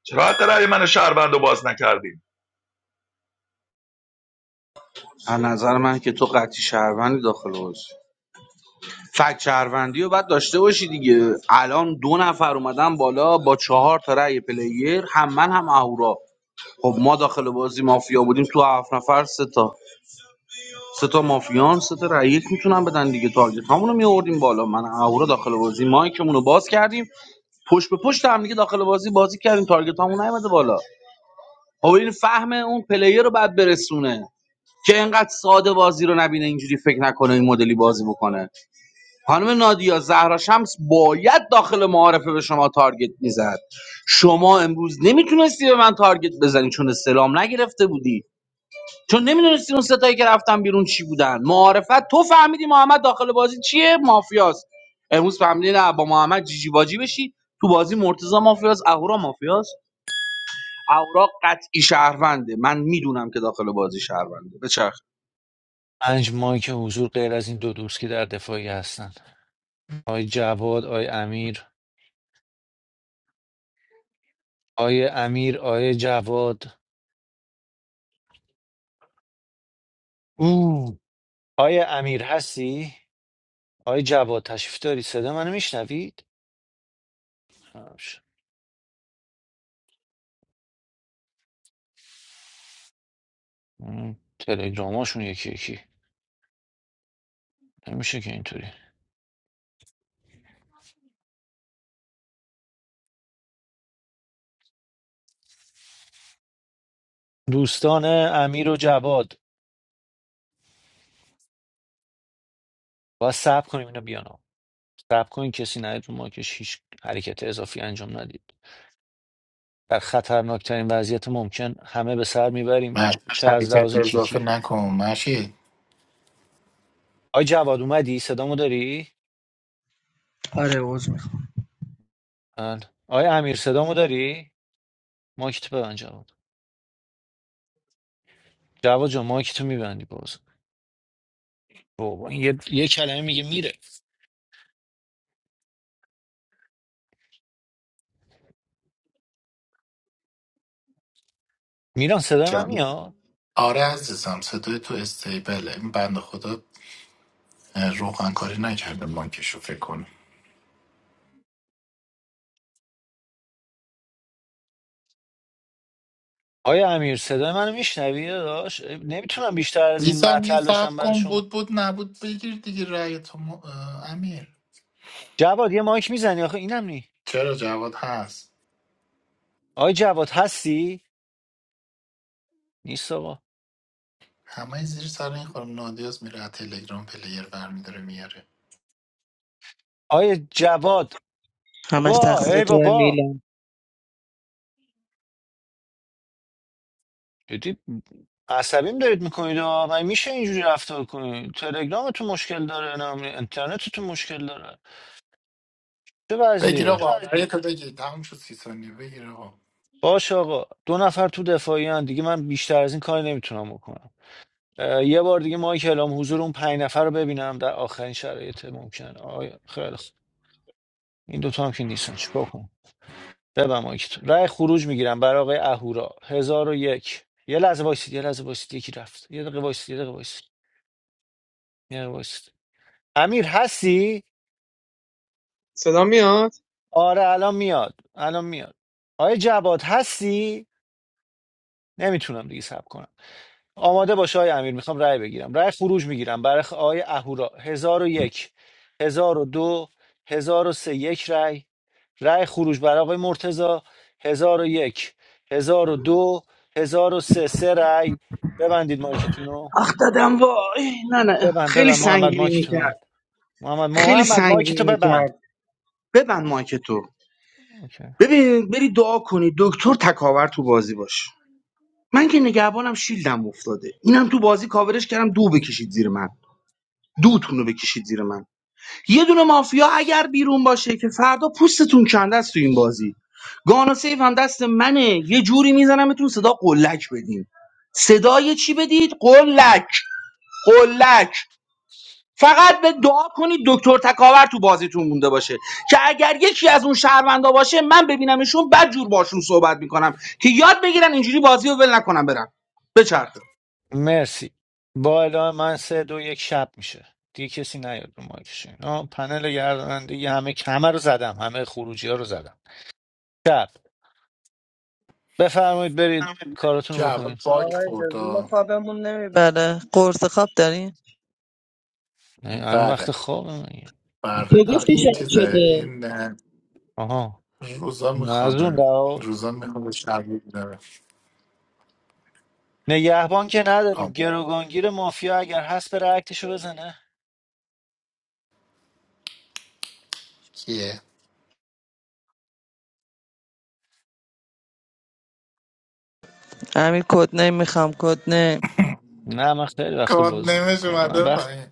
S9: چرا حتی رأی من شهروند رو باز نکردیم
S15: از نظر من که تو قطعی شهروندی داخل بازی فکت شهروندی رو باید داشته باشی دیگه الان دو نفر اومدن بالا با چهار تا رأی پلیر هم من هم اهورا خب ما داخل بازی مافیا بودیم تو هفت نفر سه تا سه تا مافیان سه تا رای یک میتونن بدن دیگه تارگت همونو میآوردیم بالا من اهورا داخل بازی مایکمون رو باز کردیم پشت به پشت هم دیگه داخل بازی بازی کردیم تارگت همون نیومده بالا خب این فهم اون پلیر رو بعد برسونه که اینقدر ساده بازی رو نبینه اینجوری فکر نکنه این مدلی بازی بکنه خانم نادیا زهرا شمس باید داخل معارفه به شما تارگت میزد شما امروز نمیتونستی به من تارگت بزنی چون سلام نگرفته بودی چون نمیدونستی اون ستایی که رفتن بیرون چی بودن معارفت تو فهمیدی محمد داخل بازی چیه مافیاست امروز فهمیدی نه با محمد جیجی باجی بشی تو بازی مرتضی مافیاست اهورا مافیاست اهورا قطعی شهرونده من میدونم که داخل بازی شهرونده بچرخ
S1: پنج مایک که حضور غیر از این دو دوست که در دفاعی هستن آی جواد آی امیر آی امیر آی جواد او آی امیر هستی آی جواد تشریف داری صدا منو میشنوید خبش. اون تلگراماشون یکی یکی نمیشه که اینطوری دوستان امیر و جواد باید صبر کنیم اینا بیان صبر کنین کسی نیاد رو ما هیچ حرکت اضافی انجام ندید در خطرناکترین وضعیت ممکن همه به سر میبریم
S2: مشید
S1: چه از لحاظ
S2: حرکت اضافه
S1: کیکی
S2: نکن مشید
S1: آی جواد اومدی صدامو داری
S20: آره عوض میخوام
S1: بله. آی امیر صدامو داری ماکت ببند جواد جواد جان ماکتو میبندی باز بابا این یه, یه کلمه میگه میره میران صدای من
S2: جان
S1: میاد
S2: آره عزیزم صدای تو استیبله این بند خدا روغن کاری نکرده بانکشو فکر کنم
S1: آی امیر صدای منو میشنوی داداش نمیتونم بیشتر از
S2: یه
S1: این
S2: یه
S1: معطل بشم
S2: سب
S1: برای
S2: کن
S1: شما
S2: بود بود نبود بگیر دیگه رأی تو م- اه، امیر
S1: جواد یه مایک میزنی آخه اینم نی
S2: چرا جواد هست
S1: آی جواد هستی نیست آقا
S2: همه زیر سر این خانم نادیاز میره از تلگرام پلیر برمیداره میاره
S1: آی جواد
S21: همش
S1: بابا
S21: تقصیر
S1: ای
S21: تو
S1: بابا
S21: میلان
S1: عصبیم دارید میکنید و من میشه اینجوری رفتار کنید تلگرامتون مشکل داره نم اینترنتتون مشکل داره چه
S2: بگیر
S1: وضعیه
S2: آقا رأی تو بگیر تموم شد سی ثانیه بگیر آقا
S1: باش آقا دو نفر تو دفاعی هن. دیگه من بیشتر از این کاری نمیتونم بکنم اه، یه بار دیگه مایک اعلام حضور اون پنج نفر رو ببینم در آخرین شرایط ممکن آیا خیلی خوب. این دوتا هم که نیستن چیکار کنم ببم مایکتون رأی خروج میگیرم برای آقای اهورا هزار و یک یه لحظه وایسید یه لحظه وایسید یکی رفت یه دقیقه وایسید یه دقیقه وایسید یه دقیقه وایسید امیر هستی
S14: صدا میاد
S1: آره الان میاد الان میاد آقای جواد هستی نمیتونم دیگه سب کنم آماده باش آقای امیر میخوام رأی بگیرم رأی خروج میگیرم برای خ- آقای اهورا هزار و یک هزار و دو هزار و سه یک رأی رأی خروج برای آقای مرتضی هزار و یک هزار و دو هزار و سه سه رأی ببندید مایکتونو
S15: آخ دادم وای نه نه
S1: ببند
S15: خیلی
S1: ببند محمد
S15: سنگینی
S1: مایکتو
S15: میکرد
S1: ببند محمد
S15: خیلی
S1: محمد
S15: سنگینی
S1: مایکتو ببند
S15: میکرد ببند مایک تو ببین بری دعا کنی دکتر تکاور تو بازی باش من که نگهبانم شیلدم افتاده اینم تو بازی کاورش کردم دو بکشید زیر من دوتون رو بکشید زیر من یه دونه مافیا اگر بیرون باشه که فردا پوستتون کنده است تو این بازی گانا سیف هم دست منه یه جوری میزنمتون صدا قلک بدین صدای چی بدید قلک قلک فقط به دعا کنید دکتر تکاور تو بازیتون مونده باشه که اگر یکی از اون شهروندا باشه من ببینمشون بد جور باشون صحبت میکنم که یاد بگیرن اینجوری بازی رو ول نکنم برن بچرخه
S1: مرسی با اله من سه دو یک شب میشه دیگه کسی نیاد رو مایکش اینا پنل گردانندگی همه همه رو زدم همه خروجی ها رو زدم شب بفرمایید برید کاراتون رو
S2: جواد
S1: بکنید
S2: باک
S21: آقا
S2: خورد
S21: اجازه ما
S2: آه.
S21: خوابمون نمیبره قرص خواب داری؟
S1: نه، الان وقت
S2: بره
S1: خواب مگه
S21: تو
S2: بره آه،
S21: گفتی
S2: این
S21: شب
S2: چیزه
S21: شده
S2: این اه،
S1: آها
S2: روزا
S1: نه از اون
S2: میخوابه
S1: دعوت
S2: روزا میخوابه شب میداره
S1: نگهبان که نداریم گروگانگیر مافیا اگر هست بره اکتشو بزنه
S2: کیه
S21: امیر کد نیم میخوام کد نیم
S1: نه من خیلی وقت
S2: کود
S1: بازی
S2: نمیشه
S1: نمیکنم من
S2: اومده
S1: وقت
S2: پایین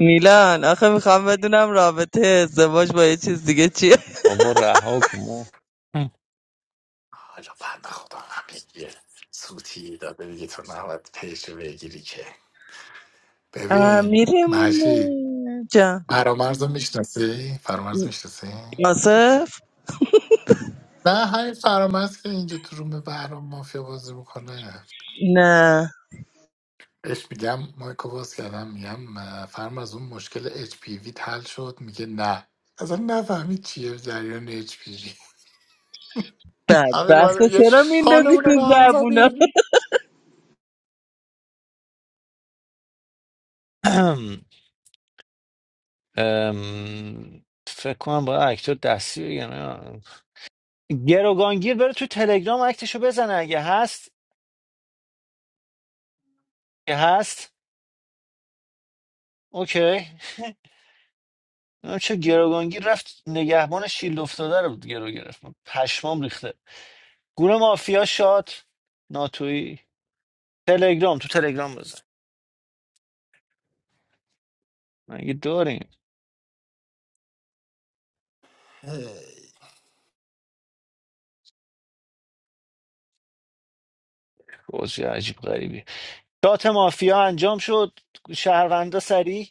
S21: میلان آخه میخوام بدونم رابطه ازدواج با یه چیز دیگه چیه
S1: بابا رها کن و-
S2: حالا بند خدا هم میگه سوتی داده دیگه تو نباید پیش رو بگیری که ببین محشید
S21: امیرمونه جان
S2: فرامرز رو میشناسی؟ فرامرز میشناسی؟
S21: آصف؟
S2: نه همین فرامرز که اینجا تو روم بهرام مافیا بازی میکنه
S21: نه
S2: بهش میگم مایکو باز کردم میگم اه، فرامرز اون مشکل اچ پی وی حل شد میگه نه اصلا نفهمید چیه جریان اچ پی وی امیر
S21: بدبخت
S2: مادر میگه
S21: چرا میندازی
S2: حالمون
S21: تو
S2: رو به هم
S21: زبونه
S2: زدی
S1: ام، فکر کنم باید اکتر دستی بگیرم گروگانگیر بره تو تلگرام اکتشو بزنه اگه هست که هست اوکی نمی‌دونم چه گروگانگیر رفت نگهبان شیلد افتاده رو گرو گرفت من پشمام ریخته گروه مافیا شاد ناتوی تلگرام تو تلگرام بزن مگه داریم بازی عجیب غریبی شات مافیا انجام شد شهروندا سریع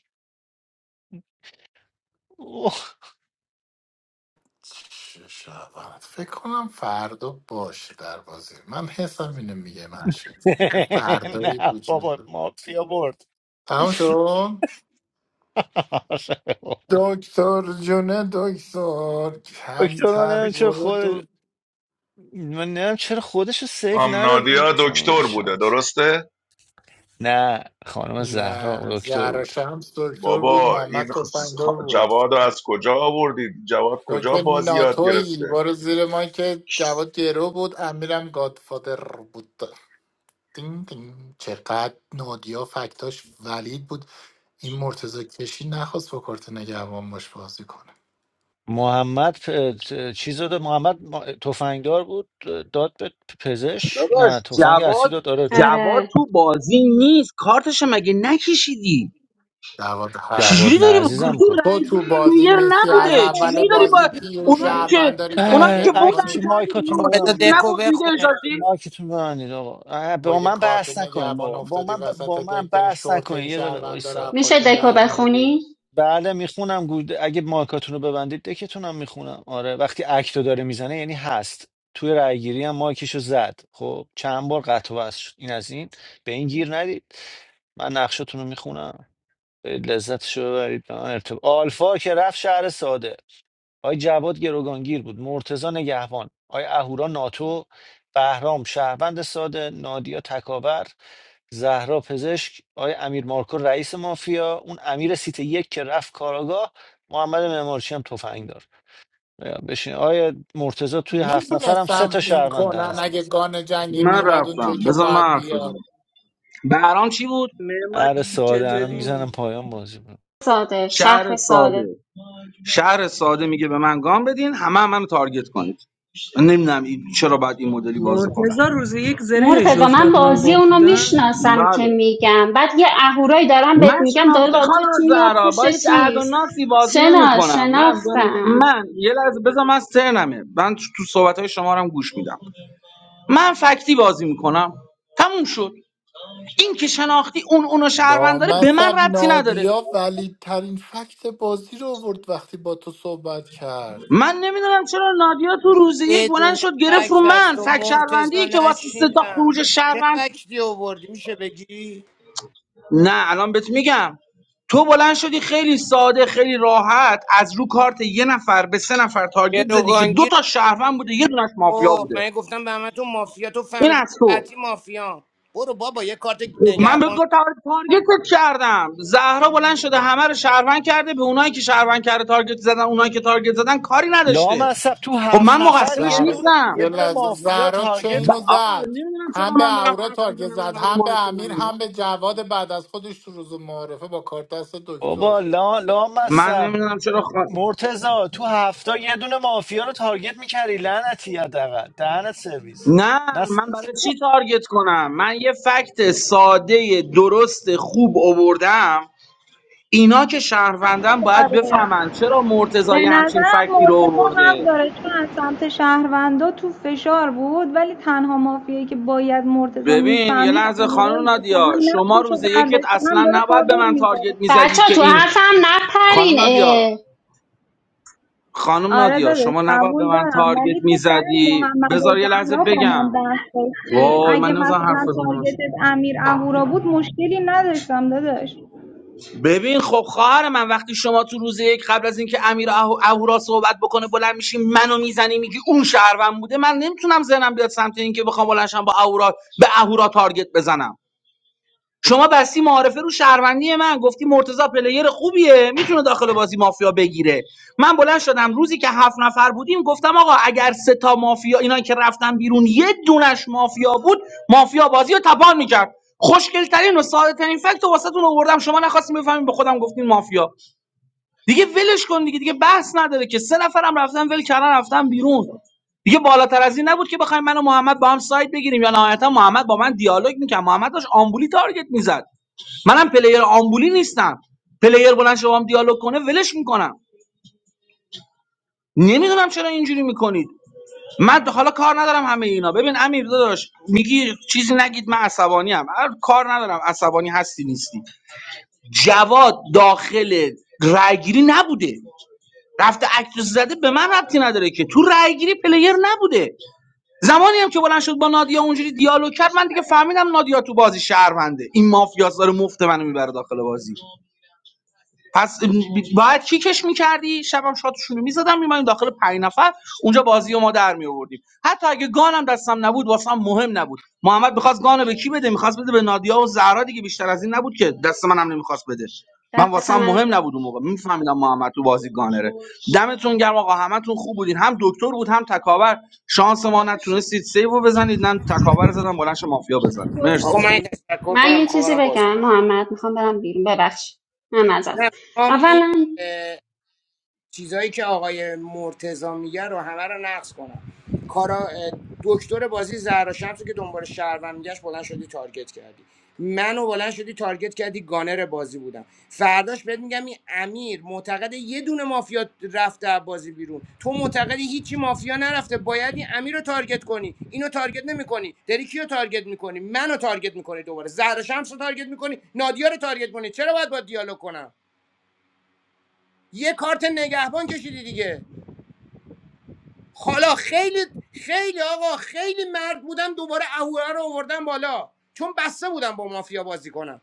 S1: اوه.
S2: چه شود فکر کنم فردا باشه در بازی من حسم اینو میگه محشید فردایی
S1: نه
S2: وجود
S1: بابا
S2: داره.
S1: مافیا برد
S2: تمام شد دکتر جونه دکتر
S1: دکتر من
S2: کمتر
S1: نمی‌دونم چه
S2: برو
S1: خود
S2: دو
S1: من نمیدونم چرا خودش رو سیف
S9: خانم
S1: نداد
S9: نادیا
S1: این خانم
S9: دکتر بوده
S1: شمس
S9: درسته
S1: نه خانم زهرا
S2: نه
S1: دکتر
S2: زهرا
S1: بود
S2: شمس دکتر بود
S9: بابا این
S2: محمد
S9: خ-
S2: تفنگدار
S9: خ-
S2: بود
S9: جواد رو از کجا آوردید جواد کجا
S2: دکتر
S9: بازی یاد گرفته
S2: ناتوی برو زیر ما که جواد گرو بود امیرم گادفادر بود دین دین. چقدر نادیا فکتاش ولید بود این مرتضی کشی نخواست با کارت نگهبان باش بازی کنه
S1: محمد پ... ت- چیز داد محمد ما- تفنگدار بود داد به پزشک
S15: داداش
S1: نه تفنگ اصلی
S15: جواد
S1: داد آره دکتر
S15: جواد تو بازی نیست کارتش مگه نکشیدی
S2: دعوت
S15: چجوری
S1: جواد نه
S2: هست
S15: داری با
S1: عزیزم
S15: گردو
S1: کن
S2: تو
S15: رای
S2: تو
S15: گیری
S2: بازی
S15: پلیر
S2: نیستی
S13: آره
S2: از
S15: نبوده
S2: اول
S15: چجوری
S13: من
S15: داری با
S2: بازی پیو
S15: اونایی
S13: دیگه.
S15: که
S2: شهروند داری
S15: اونایی که
S2: تارگت
S15: بودن
S1: اکتش
S2: میکنی
S15: کردی
S1: مایکاتون رو
S6: آقا
S15: بیرون اینی
S6: بذار
S15: که
S1: ببندید
S6: دکو
S1: آقا.
S15: نبود میگه
S6: بخونه
S15: اجازی
S1: مایکتون رو ببندید آقا اه،
S2: با
S1: با
S2: یه
S1: من
S2: کارت
S1: بحث نکنین
S2: نگهبان
S1: بابا با
S2: افتادی
S1: من ب...
S2: وسط
S1: با من
S2: دک داری
S1: بحث
S2: شورت
S1: نکنین
S2: این
S1: یه دقیقه
S2: شهروندا رو
S1: وایسا
S2: از
S11: میشه
S2: پاشون
S11: دکو
S2: در میاری
S11: بخونی؟
S1: بله میخونم گود اگه مایکاتون رو ببندید دکتونم میخونم آره وقتی اکت رو داره میزنه یعنی هست توی رأیگیری هم مایکش رو زد خب چند بار قطع و وصل شد این از این به این گیر ندید من نقشتون رو میخونم لذتشو. ببرید به من ارتب... آلفا که رفت شهر ساده آی جواد گروگانگیر بود مرتزا نگهبان آی اهورا ناتو بهرام شهروند ساده نادیا تکاور زهرا پزشک آقای امیر مارکو رئیس مافیا اون امیر سیت یک که رفت کاراگاه محمد معمارچی هم تفنگ دار آیا بشین آقای مرتضی توی هفت نفرم سه
S2: میتونستم
S1: تا
S2: این
S1: شهروند دهن
S2: کنن اگه گان جنگی
S15: من
S2: میومد
S15: رفتم
S2: اونجایی که
S15: بذار من
S2: باید
S15: حرف بزنم
S2: بیاد
S15: بهرام چی بود
S21: نعمت
S1: اره
S21: چی
S1: ساده الان
S21: چطوری؟
S1: میزنم پایان بازی رو
S11: ساده
S15: شهر
S11: شهر ساده
S15: ساده شهر ساده میگه به من گام بدین همه هم منو تارگت کنید من نمیدونم این- چرا باید این مدلی بازی کنن
S20: مرتضی روز یک زرهش
S11: مرتضی من
S20: افتاد من
S11: بازی
S20: باک
S11: اونو
S20: بودم
S11: میشناسم که
S15: بله
S11: میگم بعد یه اهورایی دارم بهت
S15: من
S11: میگم داره
S15: شناختی
S11: با تو
S15: خانم
S11: میاد
S15: زهرا با
S11: پشت
S15: هیچ عهد و
S11: چیز
S15: ناسی بازی
S11: شنا
S15: نمیکنم من
S11: شناختم
S15: من یه لحظه بذار من سرنمه من تو صحبت های شما رو هم گوش میدم من فکتی بازی میکنم تموم شد این که شناختی اون اونو شهروند داره به من
S2: لامصب
S15: ربطی نداره
S2: نادیا ولی ترین فکت بازی رو آورد وقتی با تو صحبت کرد
S15: من نمیدونم چرا نادیا تو روز یک بلند
S6: بدون
S15: شد گرفت رو
S6: فکت از
S15: من
S6: تو
S15: فک
S6: مرتزا
S15: شهروندی که واسه سه تا
S6: نشیندم
S15: خروج
S6: چه
S15: شهروند
S6: فکتی آوردی میشه بگی؟
S15: نه الان بهت میگم تو بلند شدی خیلی ساده خیلی راحت از رو کارت یه نفر به سه نفر تارگت زدی که دو
S6: گروگانگیر
S15: تا شهروند بوده یه دونش مافیا
S6: خب
S15: بوده
S6: من گفتم به همه تو مافیا تو
S15: این
S6: فهمیدی
S15: از تو
S6: قطعی مافیا برو بابا یه کارت
S15: خب من بهت
S6: نگهبان
S15: گفتم آره تارگتت کردم زهرا بلند شده همه رو شهروند کرده به اونایی که شهروند کرده تارگت زدن اونایی که تارگت زدن کاری نداشته
S1: لامصب تو
S15: خب
S1: هفت
S15: من
S1: نفر
S15: مقصرش
S1: یه
S2: زهرا
S1: دون
S15: نیستم
S1: یه
S2: یه
S1: دونه
S2: لحظه
S1: مافیا
S2: زهرا
S1: تارگت
S2: چین
S15: ب-
S2: رو
S1: کن
S15: آقا
S2: زد
S15: نمیدونم چرا
S2: هم
S15: من
S2: به
S15: دارم
S2: اورا
S15: حرف
S2: تارگت
S15: میزنم
S2: زد
S15: اینقدر رو
S2: هم به
S15: مایک
S2: امیر
S15: منی
S2: هم به جواد بعد از خودش تو روز معارفه با کارت دست دکتر
S1: بابا لا
S15: من
S1: لامصب
S15: نمیدونم چرا
S1: مرتضا تو هفته یه دونه مافیا رو تارگت میکردی لعنتی حداقل دهنت سرویس
S15: نه من
S1: نه
S15: برای چی تارگت کنم من یه فکت ساده درست خوب اووردم اینا که شهروندن باید
S13: آره
S15: بفهمن چرا مرتضی
S13: به
S15: یه همچین
S13: نظرم
S15: فکتی رو
S13: مرتضی حق
S15: اوورده
S13: داره چون از سمت شهروندا تو فشار بود ولی تنها مافیایی که باید مرتضی
S15: ببین یه
S13: میفهمید
S15: لحظه خانم
S13: امیرایی بود که
S15: نادیا
S13: هم
S15: شما
S13: نقشش رو
S15: روز یکت
S13: برداشته هم
S15: اصلا
S13: داره
S15: نباید به
S13: پاور
S15: من
S13: میداره
S15: تارگت میزدی
S11: بچه ها
S15: که
S11: تو
S15: این
S11: حرفم
S15: خانم
S11: نپرین
S15: نادیا
S11: اه.
S15: خانم
S13: آره
S15: نادیا
S13: داداش
S15: شما نباید به
S13: قبول
S15: من
S13: دارم
S15: تارگت
S13: ولی تو سر
S15: میزدی
S13: محمد و
S15: بذار یه لحظه
S13: زهرا با من
S15: بگم
S13: بحث داشتی
S15: وای
S13: اگه
S15: من نمیذارم
S13: مثلا
S15: حرف بزنم
S13: تارگتت امیر اهورا بود مشکلی نداشتم داداش
S15: ببین خب خواهر من وقتی شما تو روز یک قبل از اینکه امیر اهو- اهورا صحبت بکنه بلند میشی منو میزنی میگی اون شهروند بوده من نمیتونم ذهنم بیاد سمت اینکه بخوام بلنشم با اهورا به اهورا تارگت بزنم شما بستی معارفه رو شهروندی من گفتی مرتضی پلیر خوبیه میتونه داخل بازی مافیا بگیره من بلند شدم روزی که هفت نفر بودیم گفتم آقا اگر سه تا مافیا اینا که رفتن بیرون یه دونش مافیا بود مافیا بازی رو تپان میکرد خوشگل ترین و ساده ترین فکت رو واسهتون آوردم شما نخواستین بفهمین به خودم گفتین مافیا دیگه ولش کن دیگه دیگه بحث نداره که سه نفرم رفتن ول کردن رفتن بیرون دیگه بالاتر از این نبود که بخوایم من و محمد با هم سایت بگیریم یا نهایتا محمد با من دیالوگ میکرد محمد داشت آمبولی تارگت میزد منم پلیر آمبولی نیستم پلیر بلند شما هم دیالوگ کنه ولش میکنم نمیدونم چرا اینجوری میکنید من حالا کار ندارم همه اینا ببین امیر داداش میگی چیزی نگید من عصبانی ام کار ندارم عصبانی هستی نیستی جواد داخل رایگیری نبوده رفته اکتس زده به من ربطی نداره که تو رایگیری پلیر نبوده زمانی هم که بلند شد با نادیا اونجوری دیالوگ کرد من دیگه فهمیدم نادیا تو بازی شهرونده این مافیاس داره مفت منو میبره داخل بازی پس باید کیکش میکردی شبم شاتشون رو میزدم میماییم داخل پنج نفر اونجا بازی رو ما در میآوردیم حتی اگه گانم دستم نبود واسم مهم نبود محمد میخواست گانو به کی بده میخواست بده به نادیا و زهرا دیگه بیشتر از این نبود که دست منم نمیخواست بده من
S11: دست
S15: واسم
S11: من
S15: مهم نبود اون موقع میفهمیدم محمد تو بازی گانره دمتون گرم آقا همتون خوب بودین هم دکتر بود هم تکاور شانس ما نتونستید سیو رو بزنید نه تکاور رو زدم بلنش مافیا بزنید
S6: آقا من یه تشکر
S11: من
S6: کنم
S11: یه
S6: میخوام
S11: چیزی
S6: برم بازی
S11: بگم
S6: کنم
S11: محمد میخوام برم بیرون ببخش من ازت
S6: نه میخوام
S11: اولا
S6: این چیزایی که آقای مرتضا میگه رو همه رو نقص کنم کارا دکتر بازی زهرا که دنبال شهروند میگشت بلند شدی تارگت کردی منو بلند شدی تارگت کردی گانر بازی بودم فرداش بهت میگم این امیر معتقد یه دونه مافیا رفته از بازی بیرون تو معتقدی هیچی مافیا نرفته باید این امیر رو تارگت کنی اینو تارگت نمیکنی داری کیو تارگت میکنی منو تارگت میکنی دوباره زهرا رو تارگت میکنی نادیا رو تارگت کنی چرا باید با دیالوگ کنم یه کارت نگهبان کشیدی دیگه حالا خیلی خیلی آقا خیلی مرد بودم دوباره اهورا رو آوردم بالا چون بسته بودم با مافیا بازی کنم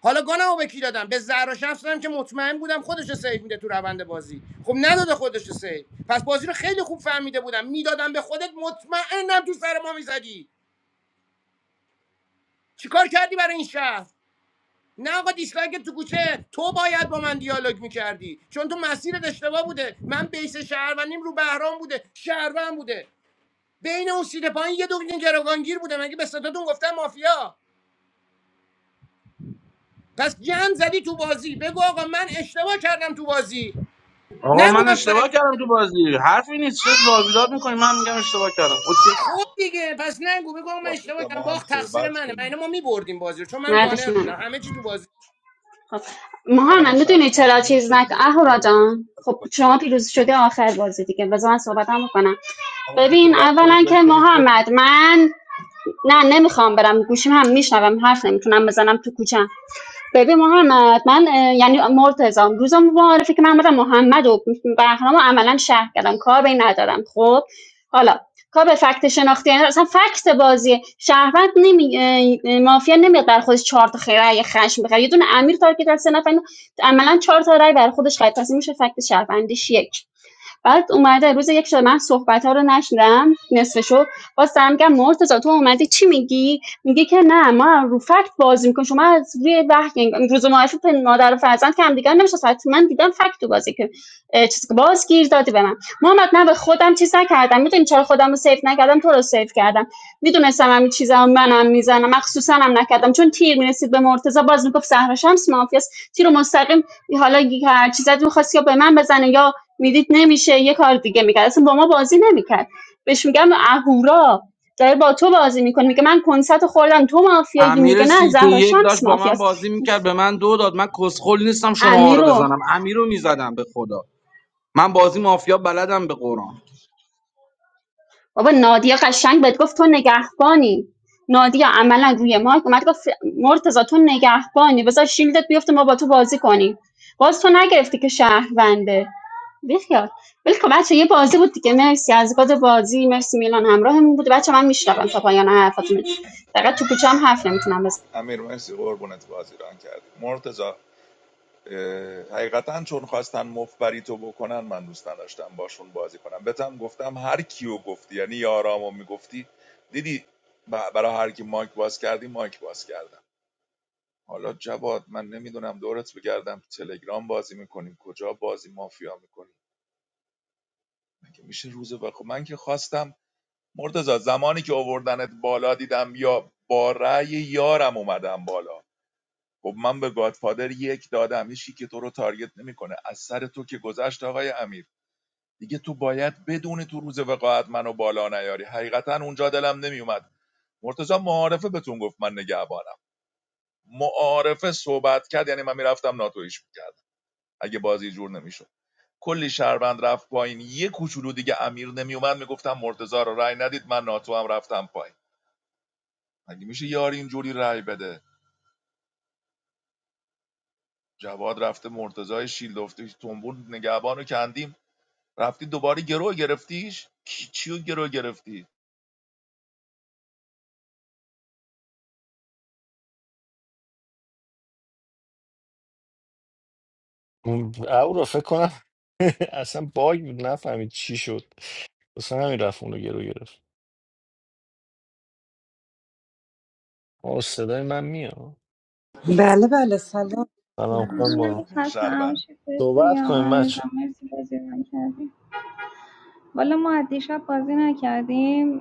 S6: حالا گانمو به کی دادم به زهرا شمس دادم که مطمئن بودم خودش رو سیو میده تو روند بازی خب نداده خودش رو سیو پس بازی رو خیلی خوب فهمیده بودم میدادم به خودت مطمئنم تو سر ما میزدی چیکار کردی برای این شهر نه آقا دیسلایک تو کوچه تو باید با من دیالوگ میکردی چون تو مسیرت اشتباه بوده من بیس شهروندیم رو بهرام بوده شهروند بوده بین اون سیده پایین یه دونه گروگانگیر بوده مگه به ستاتون گفتم مافیا پس گن زدی تو بازی بگو آقا من اشتباه کردم تو بازی
S15: آقا
S6: نگو
S15: من
S6: من
S15: اشتباه
S6: فکر
S15: کردم
S6: میارم
S15: تو بازی حرفی نیست چه واگداد میکنی من میگم اشتباه کردم اوکی
S6: خود دیگه پس نگو بگو آقا من اشتباه کردم باخت تقصیر منه من ما میبردیم بازی رو چون من
S11: مردش
S6: گانر
S11: منم
S6: بودم همه چی تو بازی
S11: خب محمد میدونی چرا چیز نکن اهورا جان خب شما پیروز شده آخر بازی دیگه بذار من صحبتم بکنم ببین اولا که محمد من نه نمیخوام برم گوشیم هم میشنوم حرف نمیتونم بزنم تو کوچم ببین محمد من اه، یعنی مرتضام روز معرفی که من آمدم محمد و بهرام رو عملا شهر کردم کار به این ندارم خب حالا کار به فکت شناختی یعنی اصلا فکت بازی شهروند نمی مافیا نمیاد بر خودش چهار تا خیره رأی خشم بخره یه دونه امیر تارگت از سه عملا چهار تا رأی بر خودش خرید پس این میشه فکت شهروندیش یک بعد اومده روز یک شده من صحبت ها رو نشنیدم نصفشو باز دارم میگم مرتضی تو اومدی چی میگی میگه که نه ما رو فکت بازی میکنیم شما از روی وحی روز معرفی پن- مادر و فرزند که هم دیگر نمیشناسن من دیدم فکت تو بازی که چیزی که باز گیر دادی به من محمد نه به خودم چیز نکردم میدونی چرا خودم رو سیف نکردم تو رو سیف کردم میدونستم همین چیزا رو منم میزنم مخصوصا هم نکردم چون تیر میرسید به مرتضی باز میگفت زهرا شمس مافیاست تیر رو مستقیم حالا هر چیزی میخواست یا به من بزنه یا میدید نمیشه یه کار دیگه میکرد اصلا با ما بازی نمیکرد بهش میگم اهورا داره با تو بازی میکنه میگه من کنسرت خوردم تو مافیایی میگه
S15: امیر
S11: نه
S15: سیتی
S11: زهرا
S15: یک
S11: شمس
S15: داشت با من
S11: مافیاست
S15: بازی میکرد به من دو داد من کسخل نیستم شما
S11: امیر
S15: رو
S11: رو
S15: بزنم امیر رو میزدم به خدا من بازی مافیا بلدم به قرآن
S11: بابا نادیا قشنگ بهت گفت تو نگهبانی نادیا عملا روی مایک اومد گفت مرتضی تو نگهبانی بذار شیلدت بیفته ما با تو بازی کنیم باز تو نگرفتی که شهرونده بیخیال ولی خب بچه یه بازی بود دیگه مرسی از گاد بازی مرسی میلان همراهمون بود بچه من میشنوم تا پایان حرفاتون فقط تو کوچه هم حرف نمیتونم بزنم.
S9: امیر مرسی قربونت بازی ران کردی مرتزا حقیقتا چون خواستن مفبری تو بکنن من دوست نداشتم باشون بازی کنم بهتم گفتم هر کیو گفتی یعنی یارامو میگفتی دیدی برای هر کی مایک باز کردی مایک باز کردم حالا جواد من نمیدونم دورت بگردم تلگرام بازی میکنیم کجا بازی مافیا میکنیم مگه میشه روز بخو من که خواستم مرتزا زمانی که آوردنت بالا دیدم یا با رأی یارم اومدم بالا خب من به گادفادر یک دادم هیچ کی که تو رو تارگت نمیکنه از سر تو که گذشت آقای امیر دیگه تو باید بدون تو روز وقاعت منو بالا نیاری حقیقتا اونجا دلم نمیومد مرتضی معارفه بهتون گفت من نگهبانم معارفه صحبت کرد یعنی من میرفتم ناتویش میکرد اگه بازی جور نمیشد کلی شهروند رفت پایین یه کوچولو دیگه امیر نمیومد میگفتم مرتضی رو رای ندید من ناتو هم رفتم پایین مگه میشه یاری اینجوری رای بده جواد رفته مرتضی شیلدفته تنبور نگهبانو کندیم رفتی دوباره گروه گرفتیش کی چیو گروه گرفتی
S1: اون- او را فکر کنم اصلا باگ بود نفهمید چی شد اصلا همین رفت اونو گرو گرفت آه صدای من میاد
S22: Well, well, Salaam.
S1: سلام خانم بارون
S13: همین خسته
S9: شهروند
S13: نباشی بهت
S1: صحبت
S13: بگم
S1: کنیم
S13: امیر جان
S1: بچه
S13: مرسی بازی رو رنگ کردی والا ما از دیشب بازی نکردیم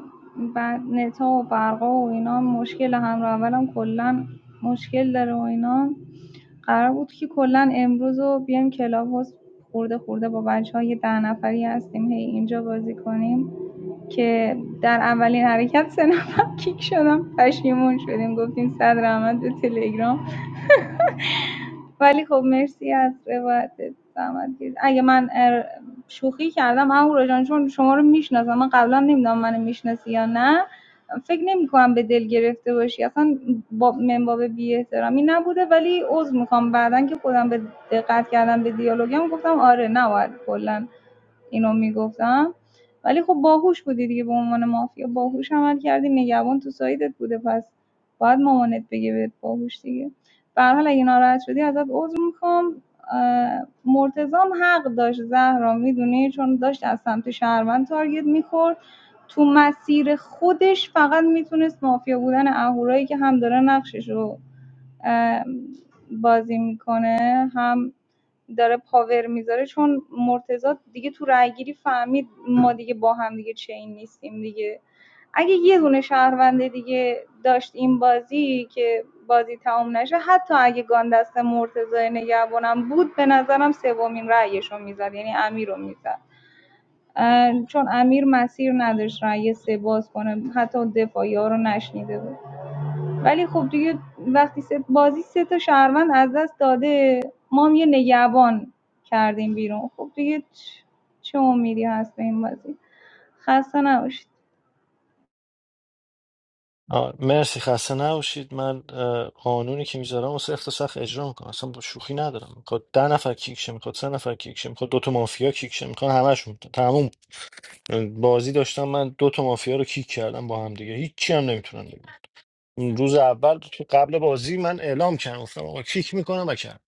S13: بعد نتا و برقا و اینا مشکل همراه اولم کلا مشکل داره و اینا قرار بود که کلا امروز رو بیایم کلاب هاوس خورده خورده با بچه‌ها یه ده نفری هستیم هی اینجا بازی کنیم که در اولین حرکت سه نفر کیک شدم پشیمون شدیم گفتیم صد رحمت به تلگرام ولی خب مرسی از روایتت زحمت کشید. اگه من ار- شوخی کردم اهورا جان چون شما رو میشناسم من قبلا نمیدونم منو میشناسی یا نه فکر نمی کنم به دل گرفته باشی اصلا با منباب بی احترامی نبوده ولی عذر میخوام بعدا که خودم به دقت کردم به دیالوگم گفتم آره نباید کلا اینو میگفتم ولی خب باهوش بودی دیگه به عنوان مافیا باهوش عمل کردی نگهبان تو سایدت بوده پس باید مامانت بگه بهت باهوش دیگه به هر حال اگه ناراحت شدی ازت عذر میخوام مرتضام حق داشت زهرا میدونی چون داشت از سمت شهروند تارگت میخورد تو مسیر خودش فقط میتونست مافیا بودن اهورایی که هم داره نقشش رو بازی میکنه هم داره پاور میذاره چون مرتضی دیگه تو رأیگیری فهمید ما دیگه با هم دیگه چین نیستیم دیگه اگه یه دونه شهروند دیگه داشت این بازی که بازی تمام نشه حتی اگه گاندست مرتضی نگهبانم بود به نظرم سومین رأیش رو میزد یعنی امیر رو میزد چون امیر مسیر نداشت رأی سه باز کنه حتی دفاعی ها رو نشنیده بود ولی خب دیگه وقتی سه- بازی سه تا شهروند از دست داده ما هم یه نگهبان کردیم بیرون خب دیگه چه امیدی هست به این بازی خسته نباشید
S1: آه، مرسی خسته نباشید من اه، قانونی که میذارم واسه سخت و سخت اجرا میکنم اصلا با شوخی ندارم میخواد ده نفر کیکشه میخواد سه نفر کیکشه میخواد دو مافیا کیکشه میخواد همشون بازی داشتم من دو تا مافیا رو کیک کردم با هم دیگه هیچی هم نمیتونم بگن اون روز اول تو قبل بازی من اعلام کردم گفتم آقا کیک میکنم و کرد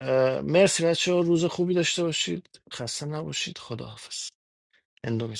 S1: اه، مرسی بچه روز خوبی داشته باشید خسته نباشید خداحافظ اندو